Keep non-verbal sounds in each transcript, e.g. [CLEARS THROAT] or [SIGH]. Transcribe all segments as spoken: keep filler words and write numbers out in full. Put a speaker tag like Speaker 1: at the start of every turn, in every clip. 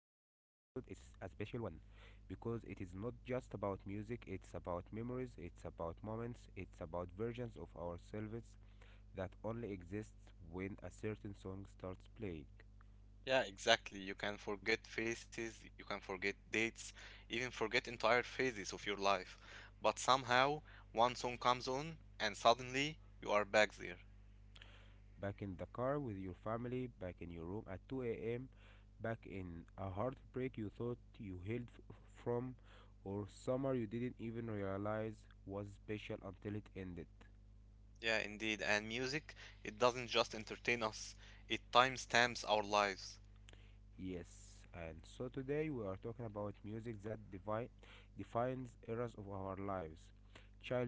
Speaker 1: episode is a special one because it is not just about music, it's about memories, it's about moments, it's about versions of ourselves that only exists when a certain song starts playing.
Speaker 2: Yeah, exactly. You can forget faces, you can forget dates, even forget entire phases of your life. But somehow, one song comes on, and suddenly you are back there.
Speaker 1: Back in the car with your family, back in your room at two a m, back in a heartbreak you thought you healed f- from, or summer you didn't even realize was special until it ended.
Speaker 2: Yeah, indeed. And music, it doesn't just entertain us, it timestamps our lives.
Speaker 1: Yes, and so today we are talking about music that devi- defines eras of our lives,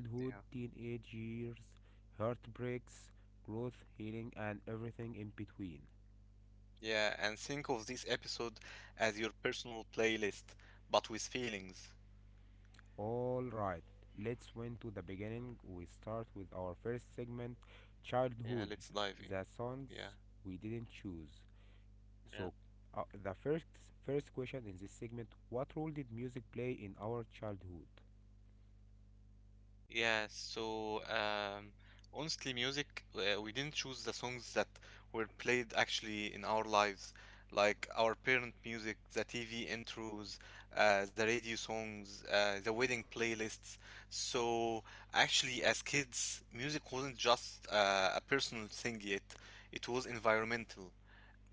Speaker 2: Yeah.
Speaker 1: teenage years, heartbreaks, growth, healing, and everything in between.
Speaker 2: Yeah, and think of this episode as your personal playlist, but with feelings.
Speaker 1: Alright, let's went to the beginning. We start with our first segment,
Speaker 2: Yeah,
Speaker 1: childhood,
Speaker 2: let's dive in.
Speaker 1: the songs
Speaker 2: Yeah,
Speaker 1: we didn't choose. So,
Speaker 2: yeah.
Speaker 1: uh, the first, first question in this segment, what role did music play in our childhood?
Speaker 2: Yeah, so um, Honestly, music, uh, we didn't choose the songs that were played actually in our lives, like our parent music, the T V intros, uh, the radio songs, uh, the wedding playlists. So actually, as kids, music wasn't just uh, a personal thing yet, it was environmental.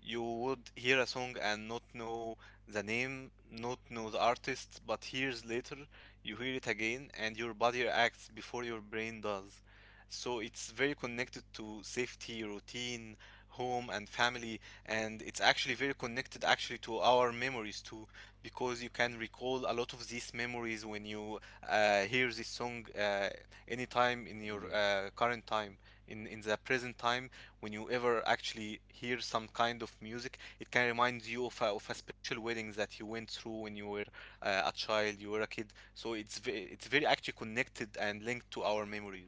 Speaker 2: You would hear a song and not know the name, not know the artist, but years later you hear it again and your body reacts before your brain does. So it's very connected to safety, routine, home, and family, and it's actually very connected actually to our memories too, because you can recall a lot of these memories when you uh, hear this song uh, anytime in your
Speaker 1: Yes.
Speaker 2: uh, current time, in in the present time, when you ever actually hear some kind of music, it can remind you of a, of a special wedding that you went through when you were uh, a child, you were a kid. So it's ve- it's very actually connected and linked to our memories.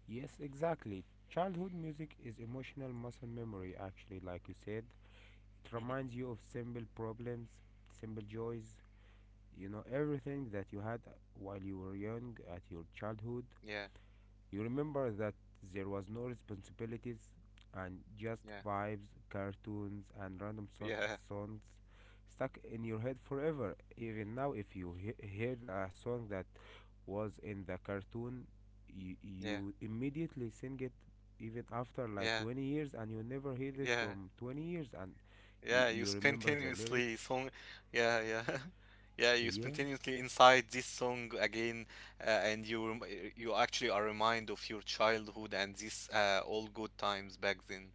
Speaker 1: Yes, exactly. Childhood music is emotional muscle memory, actually, like you said. It
Speaker 2: Hmm.
Speaker 1: reminds you of simple problems, simple joys, you know, everything that you had while you were young at your childhood.
Speaker 2: Yeah,
Speaker 1: You remember that there was no responsibilities and just
Speaker 2: yeah,
Speaker 1: vibes, cartoons, and random so-
Speaker 2: yeah,
Speaker 1: songs stuck in your head forever. Even now, if you he- heard a song that was in the cartoon, you,
Speaker 2: yeah,
Speaker 1: you immediately sing it even after like
Speaker 2: yeah,
Speaker 1: twenty years, and you never heard it
Speaker 2: yeah,
Speaker 1: from twenty years, and you,
Speaker 2: yeah. You
Speaker 1: you remember the
Speaker 2: spontaneously
Speaker 1: lyrics.
Speaker 2: song, yeah, yeah. [LAUGHS] Yeah, you
Speaker 1: Yeah.
Speaker 2: spontaneously inside this song again, uh, and you rem- you actually are reminded of your childhood and these uh, all good times back then.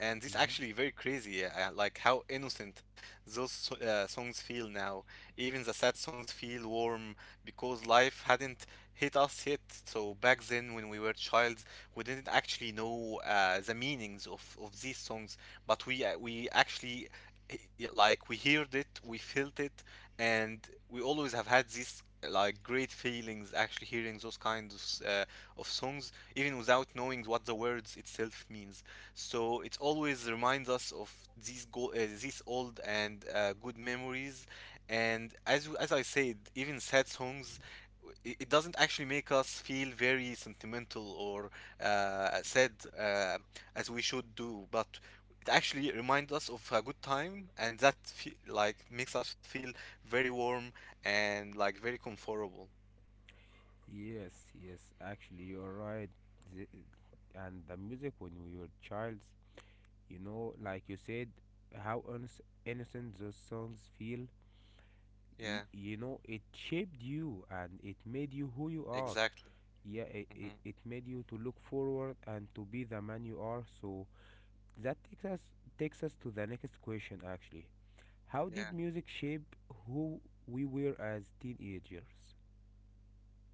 Speaker 2: And this
Speaker 1: Hmm.
Speaker 2: actually very crazy, uh, uh, like how innocent those so- uh, songs feel now. Even the sad songs feel warm because life hadn't hit us yet. So back then, when we were child, we didn't actually know uh, the meanings of, of these songs, but we uh, we actually eh, y- like we heard it, we felt it, and we always have had this like great feelings actually hearing those kinds of s- uh, of songs, even without knowing what the words itself means. So it always reminds us of these go- uh, these old and uh, good memories. And as w- as I said, even sad songs, w- i- it doesn't actually make us feel very sentimental or uh, sad, uh, as we should do, but it actually reminds us of a good time, and that fe- like makes us feel very warm and like very comfortable.
Speaker 1: Yes, yes, actually, you're right. The- And the music when we were childs, you know,
Speaker 2: Mhm.
Speaker 1: like you said, how innoc- innocent those songs feel.
Speaker 2: Yeah,
Speaker 1: Y- you know, it shaped you and it made you who you are.
Speaker 2: exactly.
Speaker 1: Yeah, it, it,
Speaker 2: Hmm.
Speaker 1: it made you to look forward and to be the man you are. So that takes us, takes us to the next question, actually. How did
Speaker 2: Yeah.
Speaker 1: music shape who we were as teenagers?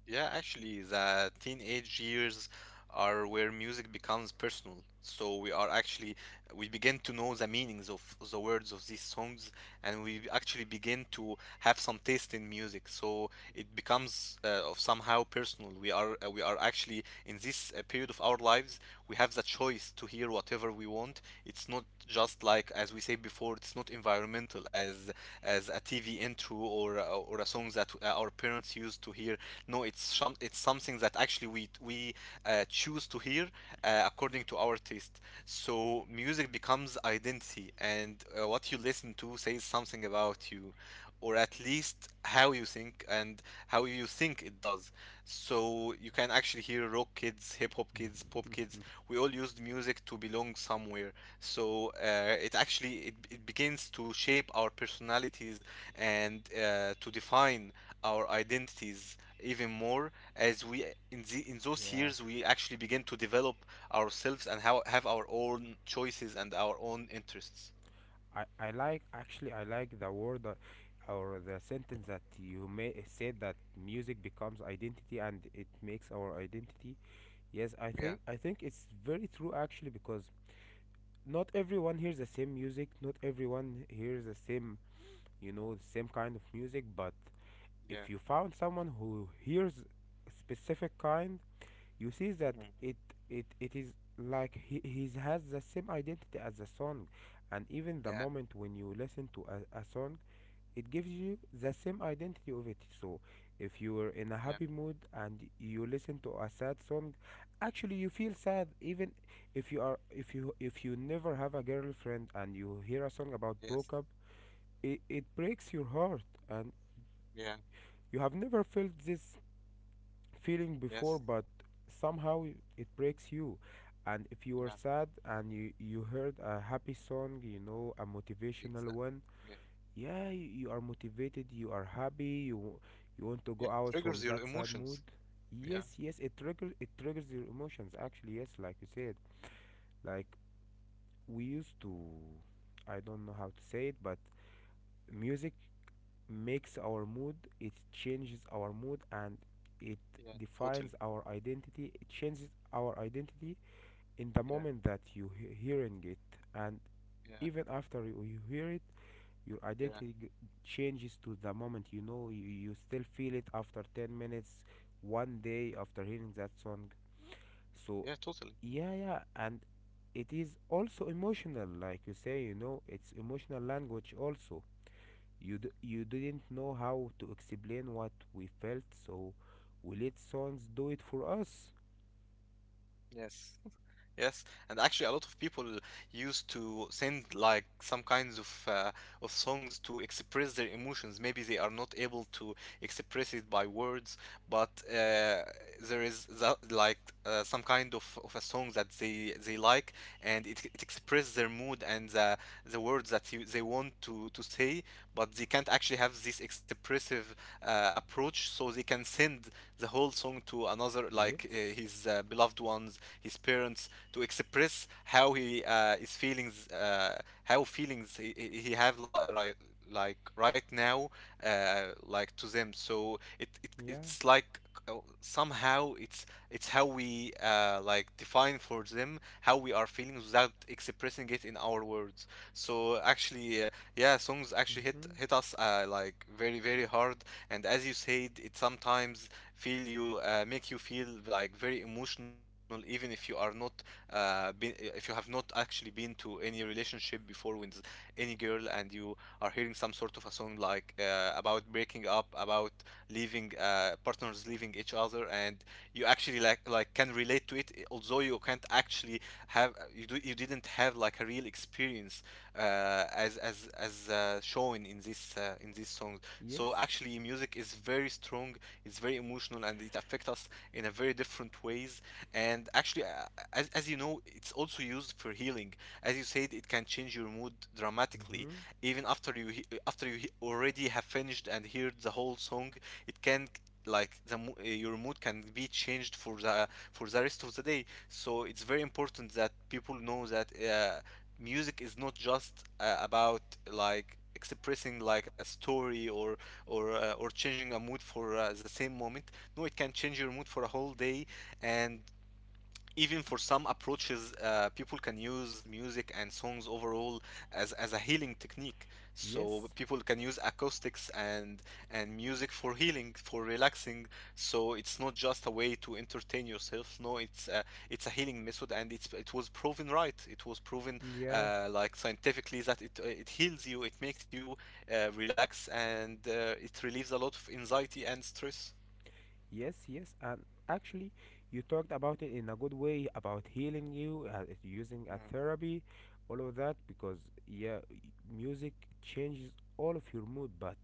Speaker 2: Yeah, actually, the teenage years are where music becomes personal. So we are actually we begin to know the meanings of the words of these songs, and we actually begin to have some taste in music. So it becomes uh, of somehow personal. We are uh, we are actually in this uh, period of our lives. We have the choice to hear whatever we want. It's not just, like, as we said before, it's not environmental as as a TV intro or or a song that uh, our parents used to hear. No, it's some, it's something that actually we we uh, choose to hear uh, according to our taste. So music becomes identity, and uh, what you listen to says something about you, or at least how you think, and how you think it does. So you can actually hear rock kids, hip hop kids, pop kids.
Speaker 1: [LAUGHS]
Speaker 2: We all used music to belong somewhere. So uh, it actually, it, it begins to shape our personalities and uh, to define our identities even more. As we in the, in those
Speaker 1: Yeah.
Speaker 2: years, we actually begin to develop ourselves and how have our own choices and our own interests.
Speaker 1: I, I like, actually, I like the word uh, or the sentence that you may said, that music becomes identity and it makes our identity. Yes, I
Speaker 2: Yeah,
Speaker 1: think, I think it's very true, actually, because not everyone hears the same music, not everyone hears the same, you know, the same kind of music, but
Speaker 2: yeah,
Speaker 1: if you found someone who hears a specific kind, you see that
Speaker 2: hmm,
Speaker 1: it it, it is like he, he has the same identity as the song, and even the
Speaker 2: yeah.
Speaker 1: moment when you listen to a, a song, it gives
Speaker 2: Mhm.
Speaker 1: you the same identity of it. So, if you are in a
Speaker 2: Yeah,
Speaker 1: happy mood and you listen to a sad song, actually you feel sad. Even if you are, if you if you never have a girlfriend and you hear a song about broke
Speaker 2: yes,
Speaker 1: up, it, it breaks your heart, and
Speaker 2: yeah,
Speaker 1: you have never felt this feeling
Speaker 2: yes,
Speaker 1: before, but somehow it breaks you. And if you are
Speaker 2: yeah,
Speaker 1: sad, and you, you heard a happy song, you know, a motivational
Speaker 2: exactly,
Speaker 1: one,
Speaker 2: yeah,
Speaker 1: yeah, you, you are motivated, you are happy, you you want to
Speaker 2: yeah, it
Speaker 1: go out
Speaker 2: triggers
Speaker 1: from
Speaker 2: your
Speaker 1: that sad
Speaker 2: emotions,
Speaker 1: mood.
Speaker 2: yeah,
Speaker 1: Yes, yes, it triggers, it triggers your emotions, actually. Yes, like you said, like we used to, I don't know how to say it, but music makes our mood, it changes our mood, and it
Speaker 2: yeah, totally,
Speaker 1: defines our identity, it changes our identity in the
Speaker 2: yeah,
Speaker 1: moment that you he- hearing it, and
Speaker 2: yeah,
Speaker 1: even after you, you hear it, your
Speaker 2: yeah.
Speaker 1: identity g- changes to the moment. You know, you, you still feel it after ten minutes, one day after hearing that song, so
Speaker 2: Yeah, totally.
Speaker 1: yeah, yeah. And it is also emotional, like you say. You know, it's emotional language also. you
Speaker 2: Yeah.
Speaker 1: d- you didn't know how to explain what we felt, so we let songs do it for us.
Speaker 2: Yes. Yes. And actually, a lot of people used to send like some kinds of uh, of songs to express their emotions. Maybe they are not able to express it by words, but uh, there is that, like uh, some kind of, of a song that they they like, and it it expresses their mood and the the words that you, they want to to say, but they can't actually have this expressive uh, approach, so they can send the whole song to another, like, uh,
Speaker 1: Yes.
Speaker 2: his uh, beloved ones, his parents, to express how he uh, is feelings, uh, how feelings he, he he have li- right, like right now, uh, like to them. So it, it
Speaker 1: Yeah.
Speaker 2: it's like uh, somehow it's it's how we uh, like define for them how we are feeling without expressing it in our words. So actually, uh, yeah, songs actually hit
Speaker 1: Mhm.
Speaker 2: hit us uh, like very very hard. And as you said, it sometimes feel you uh, make you feel like very emotional, even if you are not uh, been if you have not actually been to any relationship before. When any girl and you are hearing some sort of a song like uh, about breaking up, about leaving uh, partners leaving each other, and you actually, like like, can relate to it, eh, although you can't actually have you do you didn't have like a real experience, uh, as as as uh, shown in this, uh, in this song. So
Speaker 1: Yes.
Speaker 2: actually music is very strong, it's very emotional, and it affects us in a very different ways. And actually, uh, as, as you know, it's it's also used for healing. As you said, it can change your mood dramatically.
Speaker 1: Mhm.
Speaker 2: Even after you he- after you he- already have finished and heard the whole song, it can, like the mo- uh, your mood can be changed for the for the rest of the day. So it's very important that people know that uh, music is not just uh, about like expressing like a story or or uh, or changing a mood for uh, the same moment. No, it can change your mood for a whole day, and even for some approaches, uh, people can use music and songs overall as, as a healing technique.
Speaker 1: Yes.
Speaker 2: So people can use acoustics and and music for healing, for relaxing. So it's not just a way to entertain yourself. No, it's a, it's a healing method, and it's it was proven right. It was proven
Speaker 1: Yeah.
Speaker 2: uh, like scientifically that it uh, it heals you. It makes you uh, relax, and uh, it relieves a lot of anxiety and stress.
Speaker 1: Yes, yes, and actually, you talked about it in a good way about healing you, uh, it- using a
Speaker 2: Mm.
Speaker 1: therapy, all of that, because yeah, y- music changes all of your mood, but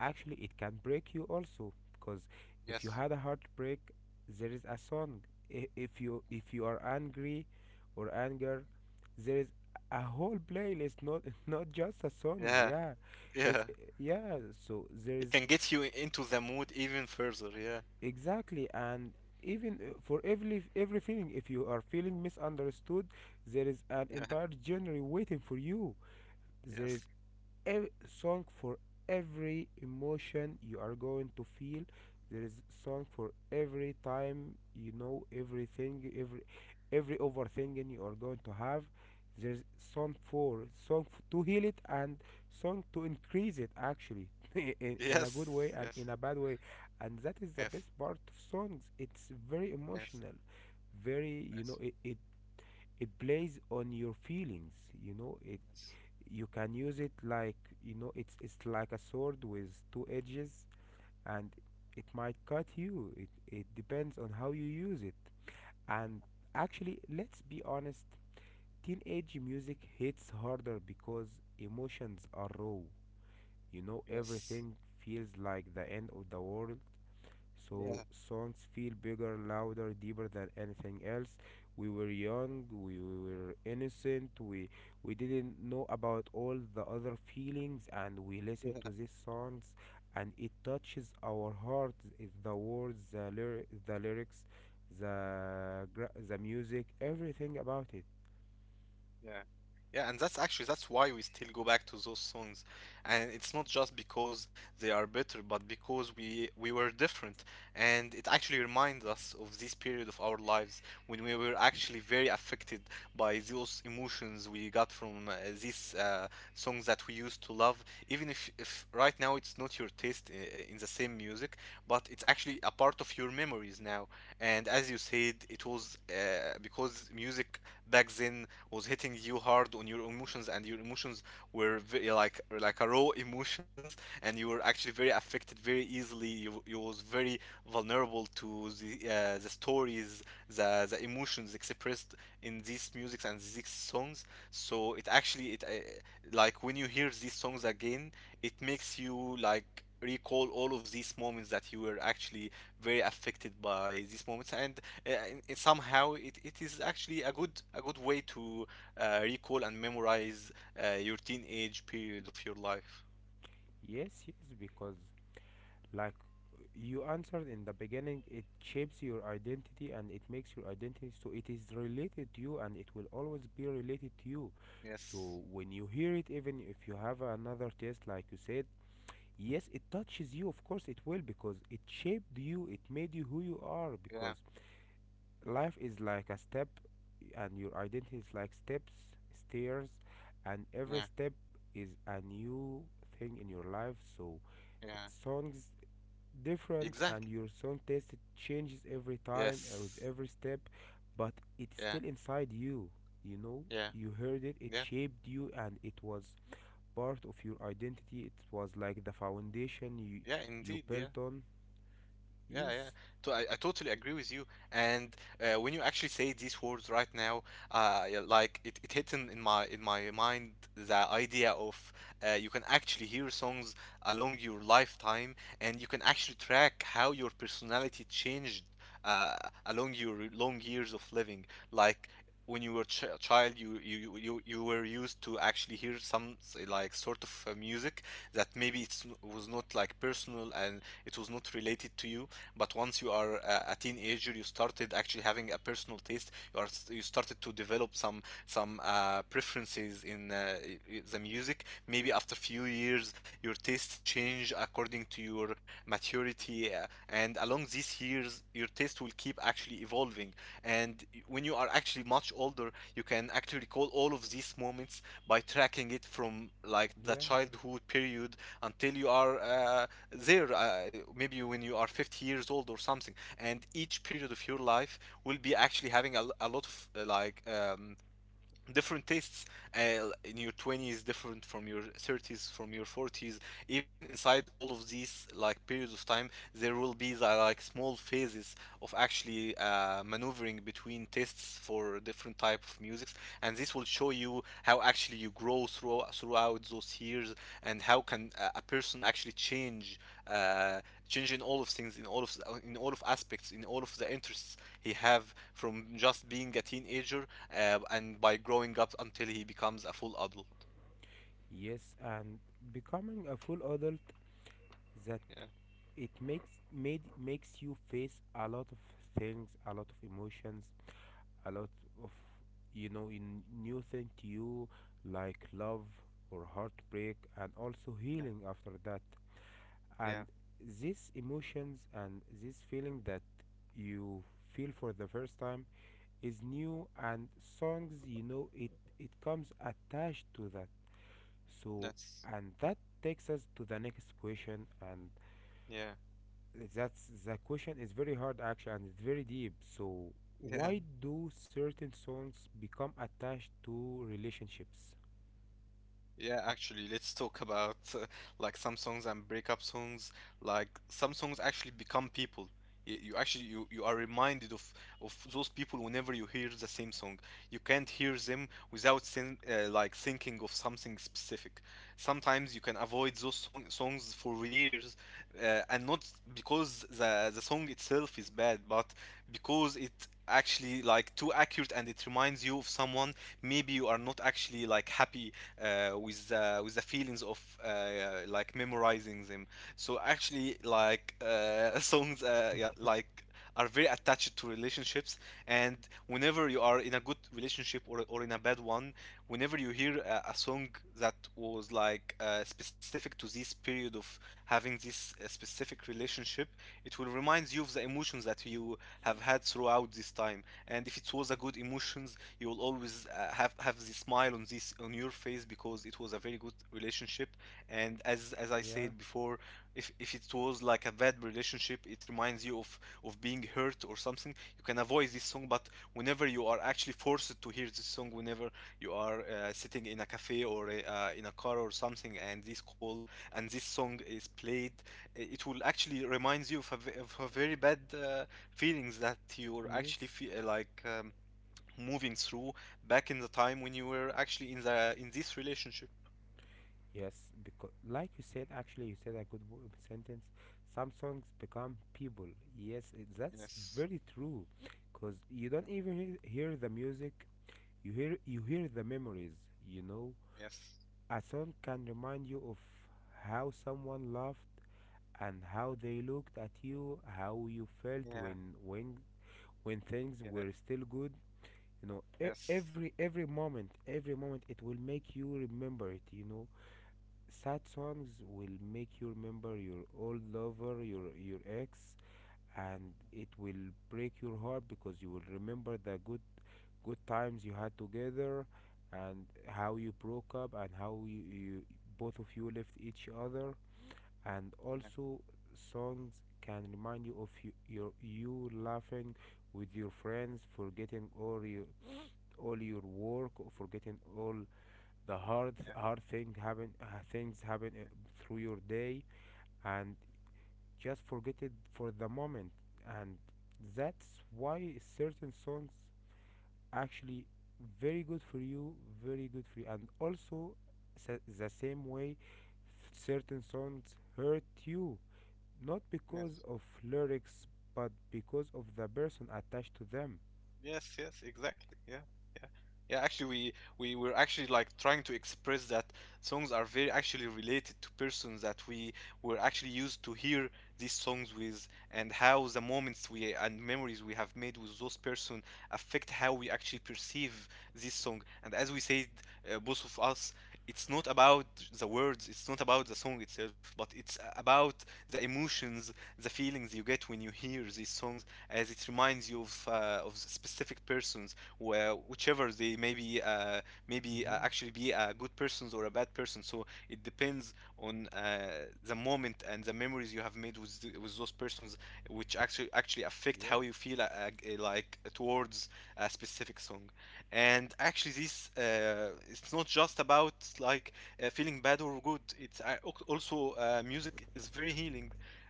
Speaker 1: actually, it can break you also. Because if you
Speaker 2: Yes.
Speaker 1: had a heartbreak, there is a song. I- If you
Speaker 2: Mhm,
Speaker 1: if you are angry or anger,
Speaker 2: mhm.
Speaker 1: there is a whole playlist, not [LAUGHS] not just a song.
Speaker 2: Yeah,
Speaker 1: Yeah,
Speaker 2: [LAUGHS]
Speaker 1: if
Speaker 2: yeah.
Speaker 1: yeah, so there
Speaker 2: It
Speaker 1: is.
Speaker 2: can get you into the mood even further. Yeah.
Speaker 1: Exactly, and even uh, for every every feeling, if you are feeling misunderstood, there is an
Speaker 2: [LAUGHS]
Speaker 1: entire genre waiting for you.
Speaker 2: Yeah.
Speaker 1: There is a song for every emotion you are going to feel, there is song for every time, you know, everything, every every overthinking you are going to have, there's song for song f- to heal it, and song to increase it, actually, [LAUGHS] in, in a
Speaker 2: Yes.
Speaker 1: good way and
Speaker 2: Yes.
Speaker 1: in a bad way. And that is the
Speaker 2: Yes.
Speaker 1: best part of songs, it's very
Speaker 2: Yes.
Speaker 1: emotional, very, you
Speaker 2: Yes.
Speaker 1: know, it, it it plays on your feelings, you know it,
Speaker 2: Yes.
Speaker 1: you can use it like, you know, it's it's like a sword with two edges, and it might cut you, it it depends on how you use it. And actually, let's be honest, teenage music hits harder because emotions are raw. You know,
Speaker 2: Yes. Yes.
Speaker 1: everything feels like the end of the world,
Speaker 2: Yeah.
Speaker 1: so songs feel bigger, louder, deeper than anything else. We were young, we were innocent, we we didn't know about all the other feelings, and we listened
Speaker 2: Yeah.
Speaker 1: to these songs, and it touches our hearts, if the words, the, lyri- the lyrics, the gra- the music, everything about it.
Speaker 2: Yeah. Yeah, and that's actually that's why we still go back to those songs. And it's not just because they are better, but because we we were different. And it actually reminds us of this period of our lives when we were actually very affected by those emotions we got from uh, these uh, songs that we used to love. Even if, if right now it's not your taste in, in the same music, but it's actually a part of your memories now. And as you said, it was uh, because music back then was hitting you hard on your emotions, and your emotions were very, like like a raw emotions, and you were actually very affected very easily. You, you was very vulnerable to the uh, the stories, the the emotions expressed in these musics and these songs. So it actually it uh, like when you hear these songs again, it makes you like recall all of these moments that you were actually very affected by these moments, and uh, in- in somehow, it, it is actually a good a good way to uh, recall and memorize uh, your teenage period of your life.
Speaker 1: Yes, yes, because like you answered in the beginning, it shapes your identity and it makes your identity. So it is related to you, and it will always be related to you.
Speaker 2: Yes.
Speaker 1: So when you hear it, even if you have another test, like you said, yes, it touches you. Of course, it will, because it shaped you, it made you who you are.
Speaker 2: Yeah.
Speaker 1: Because life is like a step, and your identity is like steps, stairs, and every
Speaker 2: Yeah.
Speaker 1: step is a new thing in your life. So
Speaker 2: Yeah.
Speaker 1: songs different, and
Speaker 2: Exactly.
Speaker 1: your song taste changes every time uh, with
Speaker 2: Yes.
Speaker 1: every step, but it's
Speaker 2: Yeah.
Speaker 1: still inside you, you know,
Speaker 2: Yeah.
Speaker 1: you heard it, it
Speaker 2: Yeah.
Speaker 1: shaped you, and it was part of your identity, it was like the foundation you
Speaker 2: Yeah.
Speaker 1: you
Speaker 2: Indeed. Yeah.
Speaker 1: built on,
Speaker 2: Yeah, yeah.
Speaker 1: yes,
Speaker 2: To, I, I totally agree with you. And uh, when you actually say these words right now, uh, yeah, like it, it hit in, in my in my mind the idea of uh, you can actually hear songs along your lifetime, and you can actually track how your personality changed uh, along your long years of living. Like, when you were ch a child, you you you you you were used to actually hear some say, like sort of uh, music that maybe it was not like personal and it was not related to you. But once you are a, a teenager, you started actually having a personal taste. You are you started to develop some some uh, preferences in uh, i- i- the music. Maybe after few years, your taste change according to your maturity, uh, and along these years, your taste will keep actually evolving. And y- when you are actually much older, you can actually recall all of these moments by tracking it from like
Speaker 1: yeah.
Speaker 2: the childhood period until you are uh, there. Uh, maybe when you are fifty years old or something, and each period of your life will be actually having a, l- a lot of uh, like um, different tastes, uh, in your twenties, different from your thirties, from your forties. Even inside all of these like periods of time, there will be the, like, small phases of actually uh, maneuvering between tastes for different type of musics, and this will show you how actually you grow through, throughout those years and how can a a person actually change, uh, change in all of things, in all of in all of aspects, in all of the interests he have, from just being a teenager, uh, and by growing up until he becomes a full adult.
Speaker 1: Yes, and becoming a full adult, that
Speaker 2: Yeah.
Speaker 1: it makes, made, makes you face a lot of things, a lot of emotions, a lot of, you know, in new thing to you, like love, or heartbreak, and also
Speaker 2: Yeah.
Speaker 1: healing after that.
Speaker 2: Yeah.
Speaker 1: And these emotions, and this feeling that you feel for the first time, is new, and songs, you know it, it comes attached to that, so,
Speaker 2: That's,
Speaker 1: and that takes us to the next question, and
Speaker 2: yeah.
Speaker 1: that's the question is very hard, actually, and it's very deep. So
Speaker 2: [LAUGHS] Yeah.
Speaker 1: why do certain songs become attached to relationships?
Speaker 2: Yeah,
Speaker 1: Uh,
Speaker 2: actually, let's talk about uh, like some songs and breakup songs. Like some songs actually become people. You, you actually, you, you are reminded of of those people whenever you hear the same song. You can't hear them without sin uh, like thinking of something specific. Sometimes you can avoid those song songs for years, uh, and not because the the song itself is bad, but because it actually like too accurate, and it reminds you of someone maybe you are not actually like happy uh, with the, with the feelings of uh, uh, like memorizing them. So actually, like, uh, [LAUGHS] songs, uh, yeah, like, are very attached to relationships, and whenever you are in a good relationship or, or in a bad one, whenever you hear a, a song that was like uh, specific to this period of having this uh, specific relationship, it will remind you of the emotions that you have had throughout this time. And if it was a good emotions, you will always uh, have have the smile on this on your face, because it was a very good relationship. And as as I
Speaker 1: yeah,
Speaker 2: said before, if if it was like a bad relationship, it reminds you of of being hurt or something. You can avoid this song, but whenever you are actually forced to hear this song, whenever you are uh, sitting in a cafe or a, uh, in a car or something, and this call and this song is played, i- it will actually reminds you of a, ve- of a very bad uh, feelings that you're actually
Speaker 1: yes,
Speaker 2: fe- uh, like, um, moving through back in the time when you were actually in the in this relationship.
Speaker 1: yes. Because like you said, actually, you said a good wo- sentence. Some songs become people. Yes, it, that's
Speaker 2: Yes.
Speaker 1: very true. Cause you
Speaker 2: Hmm.
Speaker 1: don't even hear, hear the music. You hear, you hear the memories. You know,
Speaker 2: Yes.
Speaker 1: a song can remind you of how someone loved, and how they looked at you, how you felt
Speaker 2: Yeah.
Speaker 1: when when when things
Speaker 2: Yeah.
Speaker 1: were still good. You know, e-
Speaker 2: Yes.
Speaker 1: every every moment, every moment, it will make you remember it. You know, sad songs will make you remember your old lover, your your ex,
Speaker 2: Mhm.
Speaker 1: and it will break your heart, because you will remember the good good times you had together, and how you broke up, and how you, you both of you left each other. And
Speaker 2: Yeah.
Speaker 1: also, songs can remind you of you, your you laughing with your friends, forgetting all
Speaker 2: Mhm.
Speaker 1: your all your work, or forgetting all the hard
Speaker 2: Yeah.
Speaker 1: hard thing happen uh, things happen uh, through your day, and just forget it for the moment. And that's why certain songs, actually, very good for you, very good for you. And also, sa- the same way, certain songs hurt you, not
Speaker 2: Yeah.
Speaker 1: because of lyrics, but because of the person attached to them.
Speaker 2: Yes, yes, exactly. Yeah, yeah, yeah. Actually, we we were actually like trying to express that songs are very actually related to persons that we were actually used to hear these songs with, and how the moments we and memories we have made with those person affect how we actually perceive this song. And as we said, uh, both of us, it's not about the words, it's not about the song itself, but it's about the emotions, the feelings you get when you hear these songs, as it reminds you of uh, of specific persons, where whichever they may be. Uh, maybe uh,
Speaker 1: Mm-hmm.
Speaker 2: actually be a good persons or a bad person. So it depends on uh, the moment and the memories you have made with th- with those persons, which actually actually affect
Speaker 1: Yeah.
Speaker 2: how you feel uh, uh, like towards a specific song. And actually, this, uh, it's not just about like, uh, feeling bad or good. It's, uh, al- also, uh, music is very healing.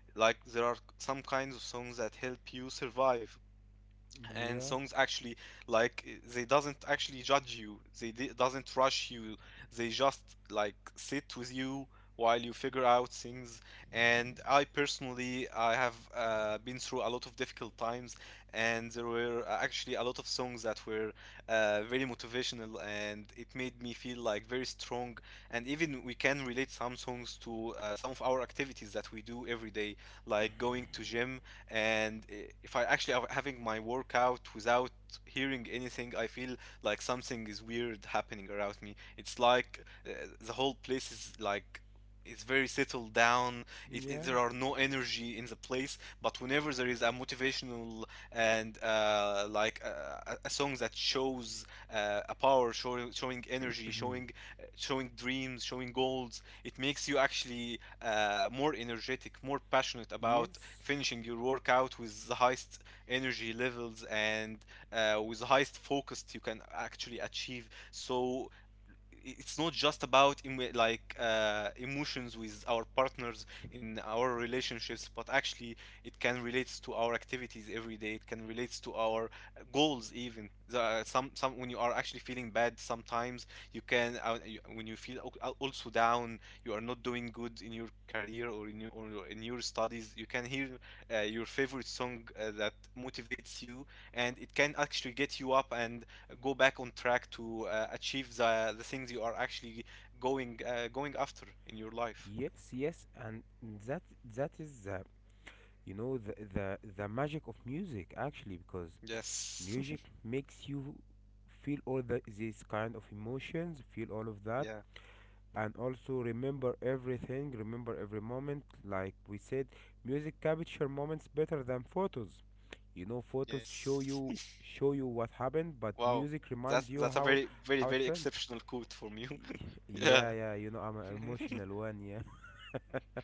Speaker 2: Like, there are some kinds of songs that help you survive, and songs
Speaker 1: Yeah,
Speaker 2: actually, like, eh, they doesn't actually judge you, they d- doesn't rush you, they just like sit with you while you figure out things. And I personally, I have uh, been through a lot of difficult times, and there were uh, actually a lot of songs that were uh, very motivational, and it made me feel like very strong. And even we can relate some songs to uh, some of our activities that we do every day, like going to gym. And i- if I actually have- having my workout without hearing anything, I feel like something is weird happening around me. It's like, uh, the whole place is like, it's very settled down. It, it,
Speaker 1: yeah,
Speaker 2: there are no energy in the place. But whenever there is a motivational and, uh, like, uh, a, a song that shows uh, a power, showing showing energy,
Speaker 1: [CLEARS THROAT]
Speaker 2: showing uh, showing dreams, showing goals, it makes you actually uh, more energetic, more passionate about
Speaker 1: yes,
Speaker 2: finishing your workout with the highest energy levels, and uh, with the highest focus you can actually achieve. So it's not just about emo- like uh, emotions with our partners in our relationships, but actually it can relate to our activities every day, it can relate to our goals. Even the, uh, some some when you are actually feeling bad sometimes, you can uh, you- when you feel al- al- also down, you are not doing good in your career or in your, or your- in your studies, you can hear uh, your favorite song uh, that motivates you, and it can actually get you up and go back on track to uh, achieve the the things you are actually going uh, going after in your life.
Speaker 1: yes, yes, and that, that is the, you know, the the the magic of music, actually, because
Speaker 2: Yes.
Speaker 1: music makes you feel all the, these kind of emotions, feel all of that,
Speaker 2: [LAUGHS] Yeah.
Speaker 1: and also remember everything, remember every moment, like we said, music capture moments better than photos. You know, photos show
Speaker 2: Yes.
Speaker 1: you,
Speaker 2: [LAUGHS]
Speaker 1: show you what happened, but
Speaker 2: Wow.
Speaker 1: music reminds
Speaker 2: That's
Speaker 1: you
Speaker 2: that's a
Speaker 1: how
Speaker 2: very very
Speaker 1: how it
Speaker 2: very
Speaker 1: felt.
Speaker 2: exceptional quote from
Speaker 1: [LAUGHS]
Speaker 2: you.
Speaker 1: Y-
Speaker 2: [LAUGHS] Yeah.
Speaker 1: yeah, yeah, you know, I'm an
Speaker 2: [LAUGHS]
Speaker 1: emotional one, yeah.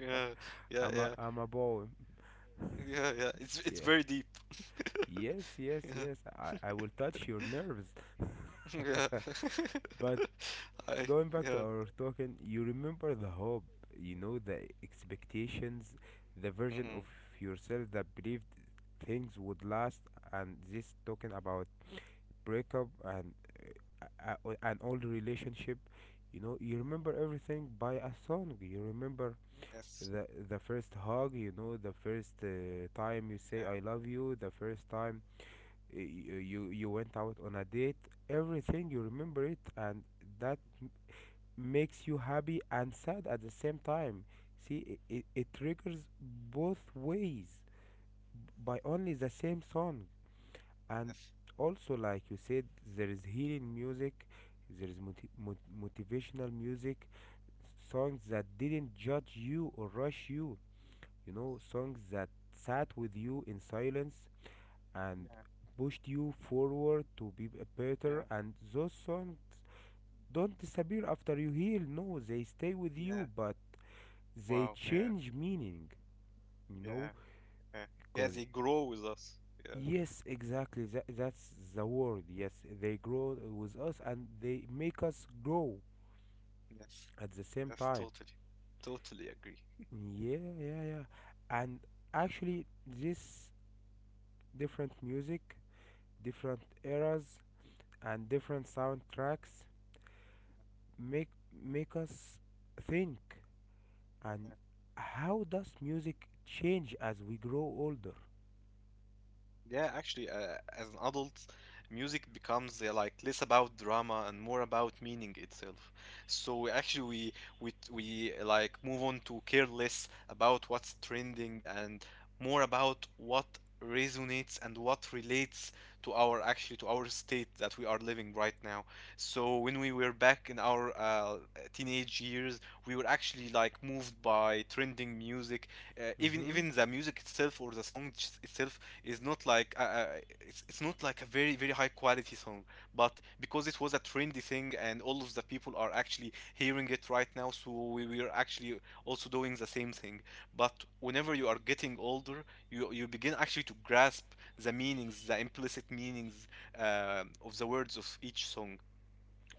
Speaker 2: Yeah.
Speaker 1: [LAUGHS]
Speaker 2: Yeah.
Speaker 1: I'm a
Speaker 2: Yeah.
Speaker 1: I'm a boy. [LAUGHS]
Speaker 2: Yeah. Yeah. It's it's
Speaker 1: Yeah,
Speaker 2: very deep.
Speaker 1: yes, yes,
Speaker 2: [LAUGHS] Yeah.
Speaker 1: yes, i i will
Speaker 2: [LAUGHS]
Speaker 1: touch your nerves. [LAUGHS]
Speaker 2: Yeah.
Speaker 1: But
Speaker 2: [LAUGHS] I
Speaker 1: going back to
Speaker 2: yeah.
Speaker 1: our talking, you remember the hope, you know, the expectations, the version of
Speaker 2: Mm-hmm.
Speaker 1: yourself that believed things would last, and this talking about breakup and uh, uh, an old relationship. You know, you remember everything by a song. You remember
Speaker 2: Yes.
Speaker 1: the the first hug. You know, the first uh, time you say
Speaker 2: Yeah.
Speaker 1: "I love you," the first time uh, y- you you went out on a date. Everything you remember it, and that makes you happy and sad at the same time. See, it, it triggers both ways by only the same song. And
Speaker 2: Yes.
Speaker 1: also, like you said, there is healing music, there is moti- mot- motivational music, songs that didn't judge you or rush you, you know, songs that sat with you in silence
Speaker 2: Yes.
Speaker 1: and
Speaker 2: Yeah.
Speaker 1: pushed you forward to be b-
Speaker 2: Yeah.
Speaker 1: better. And those songs don't disappear after you heal, no, they stay with you,
Speaker 2: Yeah.
Speaker 1: but they
Speaker 2: Wow. Yeah.
Speaker 1: change meaning, you know,
Speaker 2: Yeah. Yeah. Yeah,
Speaker 1: because
Speaker 2: they grow with us. Yeah.
Speaker 1: yes, exactly that, that's the word. Yes, they grow with us and they make us grow
Speaker 2: Yes.
Speaker 1: at the same
Speaker 2: Yes,
Speaker 1: time.
Speaker 2: totally. Totally agree.
Speaker 1: Yeah, yeah, yeah. And actually, this different music, different eras, and different soundtracks make make us think. And
Speaker 2: Yeah.
Speaker 1: how does music change as we grow older?
Speaker 2: Yeah, actually, uh, as an adult, music becomes uh, like less about drama and more about meaning itself. So we actually we we t- we uh, like move on to care less about what's trending and more about what resonates and what relates to our actually to our state that we are living right now. So when we were back in our, uh, teenage years, we were actually like moved by trending music. Uh, even
Speaker 1: Mm-hmm.
Speaker 2: even the music itself or the song ch- itself is not like, uh, uh, it's it's not like a very very high quality song, but because it was a trendy thing and all of the people are actually hearing it right now, so we, we are actually also doing the same thing. But whenever you are getting older, you you begin actually to grasp the meanings, the implicit meanings, um of the words of each song,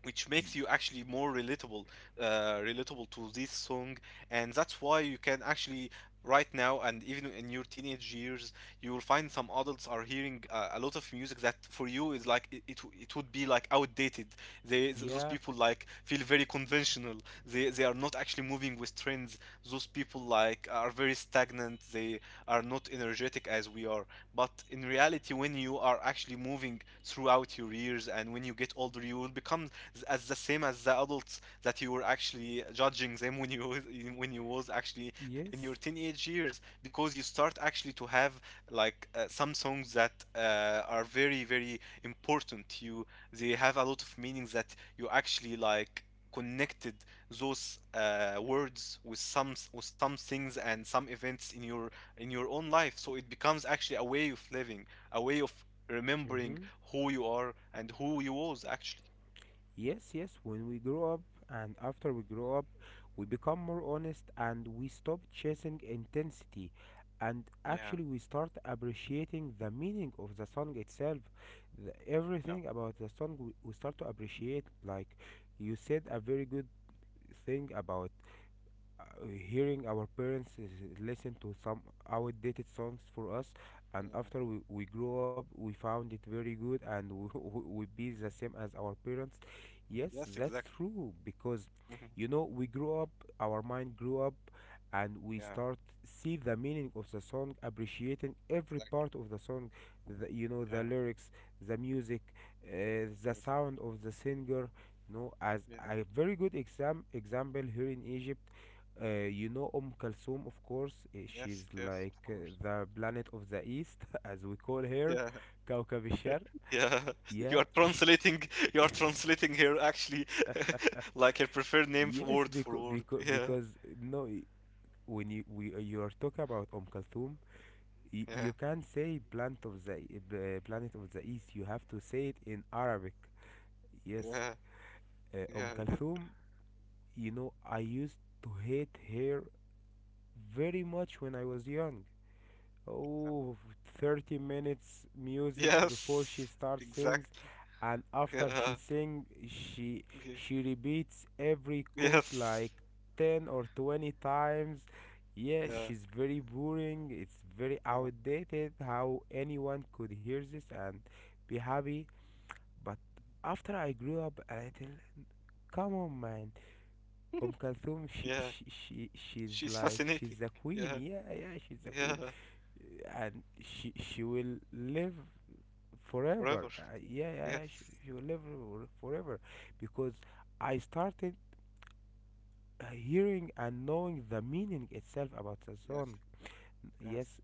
Speaker 2: which makes you actually more relatable, uh, relatable to this song. And that's why you can actually right now, and even in your teenage years, you will find some adults are hearing uh, a lot of music that for you is like, it, it, w- it would be like outdated. They th- those
Speaker 1: Yeah.
Speaker 2: people like feel very conventional, they they are not actually moving with trends, those people like are very stagnant, they are not energetic as we are. But in reality, when you are actually moving throughout your years and when you get older, you will become s- as the same as the adults that you were actually judging them when you was, in- when you was actually in
Speaker 1: Yes.
Speaker 2: your teenage years, because you start actually to have, like, uh, some songs that uh, are very very important to you, they have a lot of meanings that you actually like connected those uh, words with some s- with some things and some events in your in your own life. So it becomes actually a way of living, a way of remembering
Speaker 1: Hmm.
Speaker 2: who you are and who you was actually.
Speaker 1: Yes, yes. When we grow up and after we grow up, we become more honest and we stop chasing intensity. And actually,
Speaker 2: Yeah.
Speaker 1: we start appreciating the meaning of the song itself. The,
Speaker 2: Yeah.
Speaker 1: everything about the song we, we start to appreciate. Like you said, a very good thing about uh, hearing our parents uh, listen to some outdated songs for us, and
Speaker 2: Yeah.
Speaker 1: after we, we grow up we found it very good and we, [LAUGHS] we be the same as our parents. Yes,
Speaker 2: Yes,
Speaker 1: that's
Speaker 2: exactly.
Speaker 1: true because
Speaker 2: Hmm.
Speaker 1: you know we grew up, our mind grew up, and we
Speaker 2: Yeah,
Speaker 1: start see the meaning of the song, appreciating every part
Speaker 2: exactly.
Speaker 1: of the song, the, you know, the
Speaker 2: Yeah.
Speaker 1: lyrics, the music, uh, the
Speaker 2: Yes.
Speaker 1: sound of the singer. No, as
Speaker 2: Yeah.
Speaker 1: a very good exam example, here in Egypt, uh, you know Umm Kalsum, of course. uh, She's
Speaker 2: Yes, yes,
Speaker 1: like
Speaker 2: of
Speaker 1: uh,
Speaker 2: course.
Speaker 1: the planet of the East, [LAUGHS] as we call her,
Speaker 2: Yeah.
Speaker 1: Kawkab الشرق.
Speaker 2: Yeah, [LAUGHS] you
Speaker 1: Yeah,
Speaker 2: are
Speaker 1: sh
Speaker 2: translating. You are translating here actually, [LAUGHS] like her preferred name, f-
Speaker 1: yes,
Speaker 2: word
Speaker 1: because
Speaker 2: for word.
Speaker 1: because
Speaker 2: Yeah.
Speaker 1: because no, I- when you we uh, you are talking about Umm Kalsum, you, you
Speaker 2: Yeah.
Speaker 1: can't say planet of the E- uh, planet of the East. You have to say it in Arabic. Yes,
Speaker 2: Yeah.
Speaker 1: uh, Umm
Speaker 2: Yeah. Yeah.
Speaker 1: Kalsum. You know, I used to hate her very much when I was young. Oh, thirty minutes music before she
Speaker 2: Yes.
Speaker 1: starts sings,
Speaker 2: Exactly.
Speaker 1: and after she
Speaker 2: Yeah.
Speaker 1: sings she
Speaker 2: Ye-
Speaker 1: she repeats every quote like
Speaker 2: Yes.
Speaker 1: ten or twenty times. Yes,
Speaker 2: Yeah.
Speaker 1: she's very boring. It's very
Speaker 2: Yeah.
Speaker 1: outdated how anyone could hear this and be happy. But after I grew up a little, come on man. Um Kalthum, she,
Speaker 2: Yeah.
Speaker 1: she she she's
Speaker 2: She's
Speaker 1: like
Speaker 2: fascinating.
Speaker 1: she's a queen.
Speaker 2: Yeah.
Speaker 1: Yeah, yeah, she's a queen,
Speaker 2: Yeah.
Speaker 1: and she she will live
Speaker 2: Forever.
Speaker 1: forever. Uh, yeah, yeah, yeah, she,
Speaker 2: Yes.
Speaker 1: she will live for- forever because I started uh, hearing and knowing the meaning itself about the song.
Speaker 2: Yes. Yes.
Speaker 1: Yes,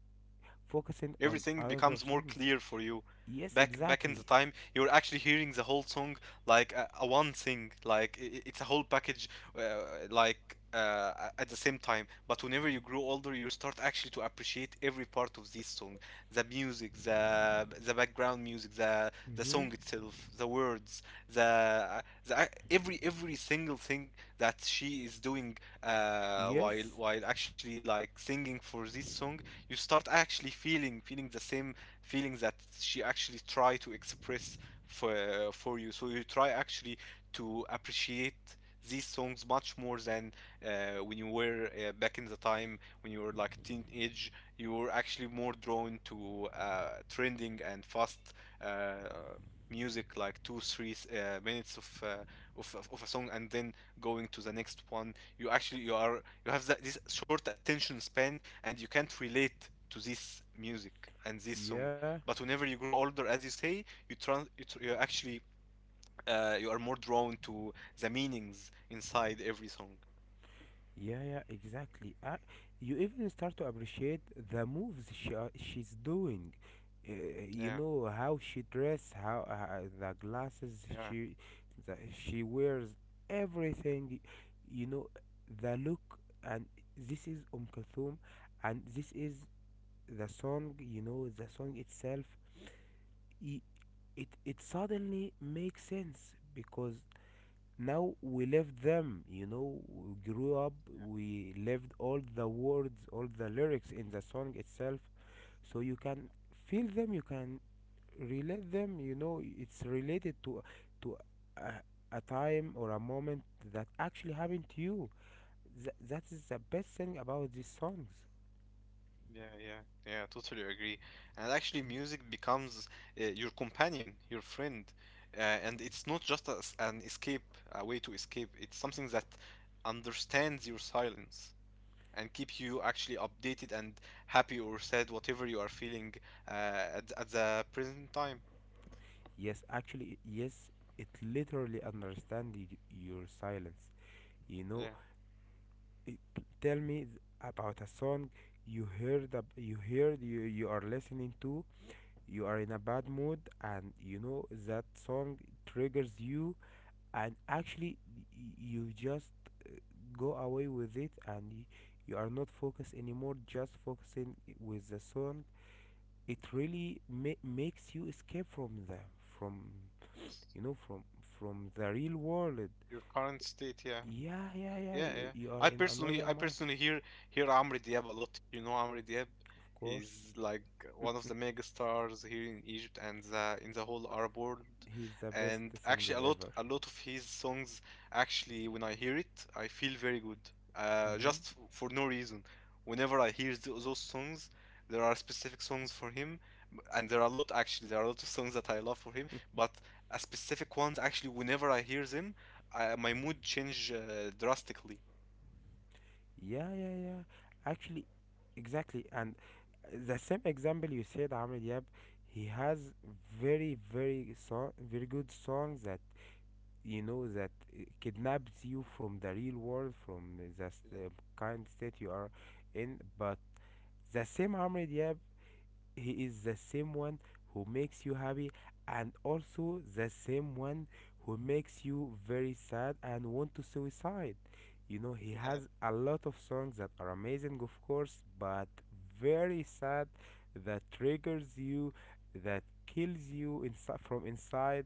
Speaker 1: focusing on
Speaker 2: Everything
Speaker 1: other
Speaker 2: becomes more
Speaker 1: things.
Speaker 2: clear for you.
Speaker 1: Yes,
Speaker 2: Back back in the
Speaker 1: exactly.
Speaker 2: time, you're actually hearing the whole song like a, a one thing. Like i- i- it's a whole package, uh, like uh, a- at the same time. But whenever you grow older, you start actually to appreciate every part of this song: the music, the the background music, the the
Speaker 1: Mm-hmm.
Speaker 2: song itself, the words, the uh, the, uh, every every single thing that she is doing uh,
Speaker 1: Yes.
Speaker 2: while while actually like singing for this song. You start actually feeling feeling the same feeling that she actually try to express for for you, so you try actually to appreciate these songs much more than uh, when you were, uh, back in the time when you were like teenage. You were actually more drawn to uh, trending and fast uh, music like two three uh, minutes of, uh, of of of a song and then going to the next one. You actually, you are you have that, this short attention span, and you can't relate to this music and this song.
Speaker 1: Yeah.
Speaker 2: But whenever you grow older, as you say, you trans you, tr- you actually, uh, you are more drawn to the meanings inside every song.
Speaker 1: Yeah, yeah, exactly. I, you even start to appreciate the moves she, uh, she's doing. Uh,
Speaker 2: Yeah,
Speaker 1: you know how she dress, how uh, the glasses
Speaker 2: yeah,
Speaker 1: she the, she wears, everything. You know the look, and this is Um Kulthum, and this is the song. You know the song itself. i- It it suddenly makes sense because now we left them, you know, we grew up,
Speaker 2: yeah,
Speaker 1: we left all the words, all the lyrics in the song itself, so you can feel them, you can relate them, you know, it's related to to a, a time or a moment that actually happened to you. Th- that is the best thing about these songs.
Speaker 2: yeah, yeah, yeah, totally agree. And actually,
Speaker 1: Mm.
Speaker 2: music becomes uh, your companion, your friend. Uh, and it's not just as an escape, a way to escape, it's something that understands your silence and keep you actually updated and happy or sad, whatever you are feeling uh, at, at the present time.
Speaker 1: Yes, actually, yes, it literally understand y- your silence, you know.
Speaker 2: Yeah.
Speaker 1: it- Tell me about a song you heard ab- you heard, you, you are listening to, you are in a bad mood and you know that song triggers you, and actually y- you just uh, go away with it, and y- you are not focused anymore, just focusing i- with the song. It really ma- makes you escape from the from,
Speaker 2: Yes.
Speaker 1: you know, from from the real world.
Speaker 2: Your current state, yeah.
Speaker 1: Yeah, yeah, yeah,
Speaker 2: Yeah,
Speaker 1: you,
Speaker 2: yeah.
Speaker 1: you are
Speaker 2: I
Speaker 1: in
Speaker 2: personally,
Speaker 1: another
Speaker 2: I
Speaker 1: mind.
Speaker 2: personally hear hear Amri Diab a lot. You know Amri Diab,
Speaker 1: Of course.
Speaker 2: he's like one of the mega stars here in Egypt and the, in the whole Arab world.
Speaker 1: He's the best
Speaker 2: And actually,
Speaker 1: singer
Speaker 2: a lot,
Speaker 1: ever.
Speaker 2: a lot of his songs, actually, when I hear it, I feel very good. Uh,
Speaker 1: Hmm.
Speaker 2: just f- for no reason. Whenever I hear th those songs, there are specific songs for him, b- and there are a lot actually. There are a lot of songs that I love for him, but a specific ones actually. Whenever I hear them, I, my mood change uh, drastically.
Speaker 1: Yeah, yeah, yeah. Actually, exactly. And the same example you said, Ahmed Yab, he has very, very song, very good songs that you know that uh, kidnaps you from the real world, from the st-
Speaker 2: yeah,
Speaker 1: kind state you are in. But the same Ahmed Yab, he is the same one who makes you happy, and also the same one who makes you very sad and want to suicide. You know, he has
Speaker 2: yeah,
Speaker 1: a lot of songs that are amazing, of course, but very sad, that triggers you, that kills you inside from inside.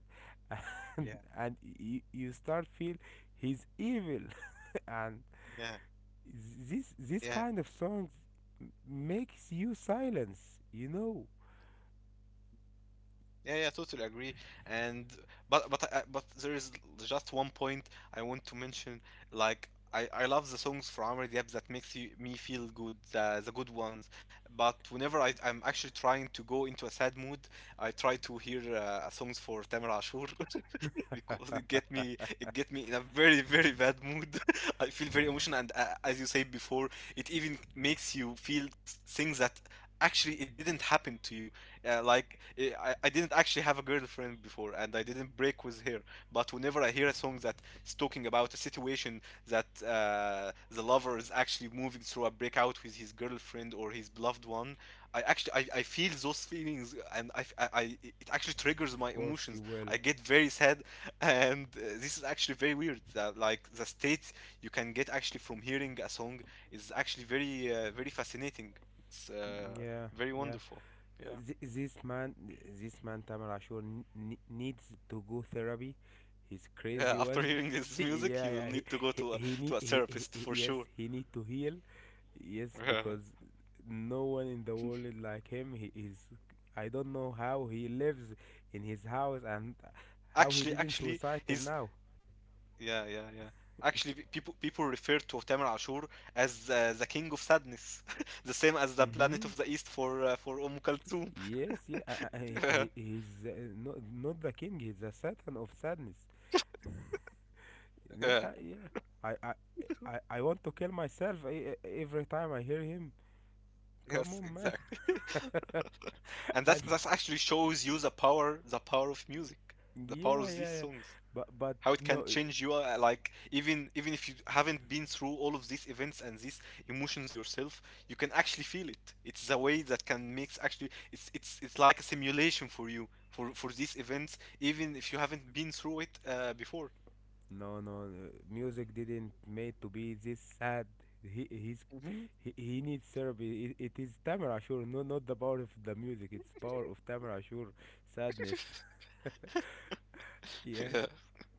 Speaker 1: [LAUGHS] and,
Speaker 2: yeah,
Speaker 1: and you, you start feel he's evil. [LAUGHS] And
Speaker 2: yeah, yeah,
Speaker 1: this this
Speaker 2: yeah.
Speaker 1: kind of songs m- makes you silence, you know.
Speaker 2: Yeah, yeah, totally agree. And but but I- But there is just one point I want to mention. Like, I I love the songs from Amr Diab that makes you, me feel good, the the good ones. But whenever I I'm actually trying to go into a sad mood, I try to hear uh, songs for Tamer Ashur. [LAUGHS] Because it get me it get me in a very very bad mood. [LAUGHS] I feel very emotional, and uh, as you said before, it even makes you feel s- things that actually it didn't happen to you. Uh, like eh, I, I didn't actually have a girlfriend before, and I didn't break with her. But whenever I hear a song that is talking about a situation that uh, the lover is actually moving through a breakout with his girlfriend or his beloved one, I actually I, I feel those feelings, and I, f- I I- it actually triggers
Speaker 1: Of
Speaker 2: my
Speaker 1: course you
Speaker 2: emotions.
Speaker 1: will.
Speaker 2: I get very sad, and uh, this is actually very weird, that like the state you can get actually from hearing a song is actually very uh, very fascinating. It's uh,
Speaker 1: Yeah,
Speaker 2: Very
Speaker 1: yeah.
Speaker 2: wonderful. yeah
Speaker 1: Th- this man, this man Tamar Ashur n- n- needs to go therapy. He's
Speaker 2: yeah
Speaker 1: crazy
Speaker 2: [LAUGHS] After
Speaker 1: one.
Speaker 2: hearing
Speaker 1: [LAUGHS]
Speaker 2: this music,
Speaker 1: Yeah,
Speaker 2: you
Speaker 1: yeah.
Speaker 2: will
Speaker 1: He
Speaker 2: need to go
Speaker 1: he,
Speaker 2: to a—
Speaker 1: he need
Speaker 2: to a
Speaker 1: he, he
Speaker 2: therapist
Speaker 1: he-
Speaker 2: for
Speaker 1: yes
Speaker 2: sure.
Speaker 1: he need
Speaker 2: [LAUGHS]
Speaker 1: to heal. Yes,
Speaker 2: Yeah.
Speaker 1: because no one in the world is like him. He is. I don't know how he lives in his house and how he
Speaker 2: Actually
Speaker 1: didn't
Speaker 2: actually,
Speaker 1: suicide till
Speaker 2: he's
Speaker 1: now.
Speaker 2: yeah yeah yeah actually pe- people people refer to Tamer Ashur as uh, the king of sadness [LAUGHS] the same as the planet
Speaker 1: Mm-hmm.
Speaker 2: of the east for uh, for Umm Kulthum.
Speaker 1: Yes, yeah. Uh, uh,
Speaker 2: [LAUGHS]
Speaker 1: he,
Speaker 2: yeah
Speaker 1: he- he's uh, not not the king. He's a Satan of sadness. Yeah,
Speaker 2: yeah
Speaker 1: yeah. I, I, I, I want to kill myself e- e- every time I hear him. Come
Speaker 2: yes,
Speaker 1: on, man.
Speaker 2: exactly. [LAUGHS]
Speaker 1: [LAUGHS]
Speaker 2: And that's
Speaker 1: And
Speaker 2: that actually shows you the power, the power of music, the power of
Speaker 1: yeah,
Speaker 2: these
Speaker 1: yeah, yeah.
Speaker 2: songs,
Speaker 1: But, but
Speaker 2: how it can
Speaker 1: no,
Speaker 2: change you, uh, like even, even if you haven't been through all of these events and these emotions yourself, you can actually feel it. It's the way that can makes actually— it's it's it's like a simulation for you, for for these events, even if you haven't been through it uh, before.
Speaker 1: no, no, no. Music didn't made to be this sad. He, he's,
Speaker 2: Mhm.
Speaker 1: he, he needs therapy. It, it is Tamer Ashur. No, not the power of the music. It's power of Tamer Ashur. Sadness. [LAUGHS]
Speaker 2: [LAUGHS]
Speaker 1: Yeah.
Speaker 2: Yeah.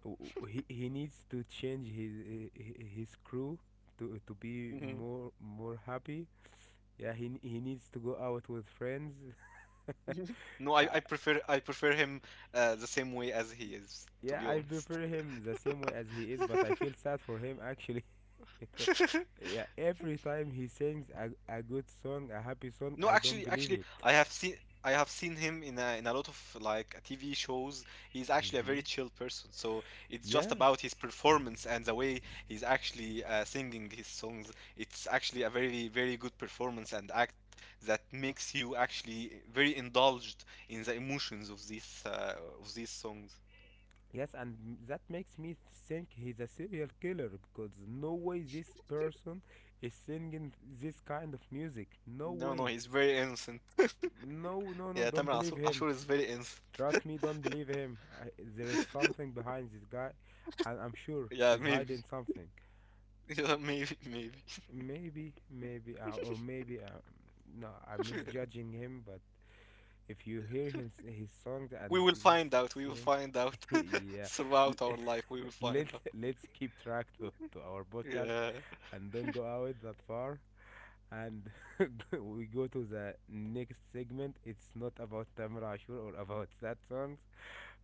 Speaker 1: W- w- He, he needs to change his, his, his crew to, to be
Speaker 2: Mhm.
Speaker 1: more, more happy. Yeah, he he needs to go out with friends.
Speaker 2: [LAUGHS] No,
Speaker 1: [LAUGHS]
Speaker 2: I, I
Speaker 1: uh,
Speaker 2: prefer i prefer him, uh, the same way as he is, to
Speaker 1: yeah,
Speaker 2: be
Speaker 1: I
Speaker 2: honest.
Speaker 1: prefer him the same way as he is, but I feel sad for him actually. [LAUGHS]
Speaker 2: [LAUGHS]
Speaker 1: Yeah, every time he sings a, a good song, a happy song,
Speaker 2: No,
Speaker 1: I don't
Speaker 2: actually,
Speaker 1: believe
Speaker 2: actually,
Speaker 1: it.
Speaker 2: I have seen I have seen him in a, in a lot of like T V shows. He's actually a very
Speaker 1: Hmm.
Speaker 2: chill person. So it's just
Speaker 1: Yeah.
Speaker 2: about his performance and the way he's actually uh, singing his songs. It's actually a very very good performance and act that makes you actually very indulged in the emotions of these uh, of these songs.
Speaker 1: Yes, and m- that makes me think he's a serial killer because no way this person is singing this kind of music. No
Speaker 2: No, no,
Speaker 1: way.
Speaker 2: he's very innocent.
Speaker 1: No, no,
Speaker 2: Yeah,
Speaker 1: no,
Speaker 2: Tamar
Speaker 1: don't
Speaker 2: Ashur
Speaker 1: believe
Speaker 2: Ashur
Speaker 1: him.
Speaker 2: is very innocent.
Speaker 1: Trust me, don't believe him. I, there is something behind this guy, and I'm sure
Speaker 2: Yeah,
Speaker 1: he's
Speaker 2: maybe.
Speaker 1: hiding something.
Speaker 2: [LAUGHS] Yeah, maybe, maybe.
Speaker 1: Maybe, maybe, uh, or maybe, uh, no, I'm
Speaker 2: [LAUGHS]
Speaker 1: misjudging him, but if you hear him s- his song
Speaker 2: We
Speaker 1: and
Speaker 2: will
Speaker 1: his,
Speaker 2: find out. We will
Speaker 1: see him,
Speaker 2: find out
Speaker 1: [LAUGHS]
Speaker 2: [LAUGHS]
Speaker 1: yeah,
Speaker 2: throughout
Speaker 1: l-
Speaker 2: our life. We will
Speaker 1: [LAUGHS] let
Speaker 2: find out.
Speaker 1: let's keep track to, to our podcast
Speaker 2: Yeah.
Speaker 1: and don't go out that far. And [LAUGHS] we go to the next segment. It's not about Tamar Ashur or about [LAUGHS] sad songs,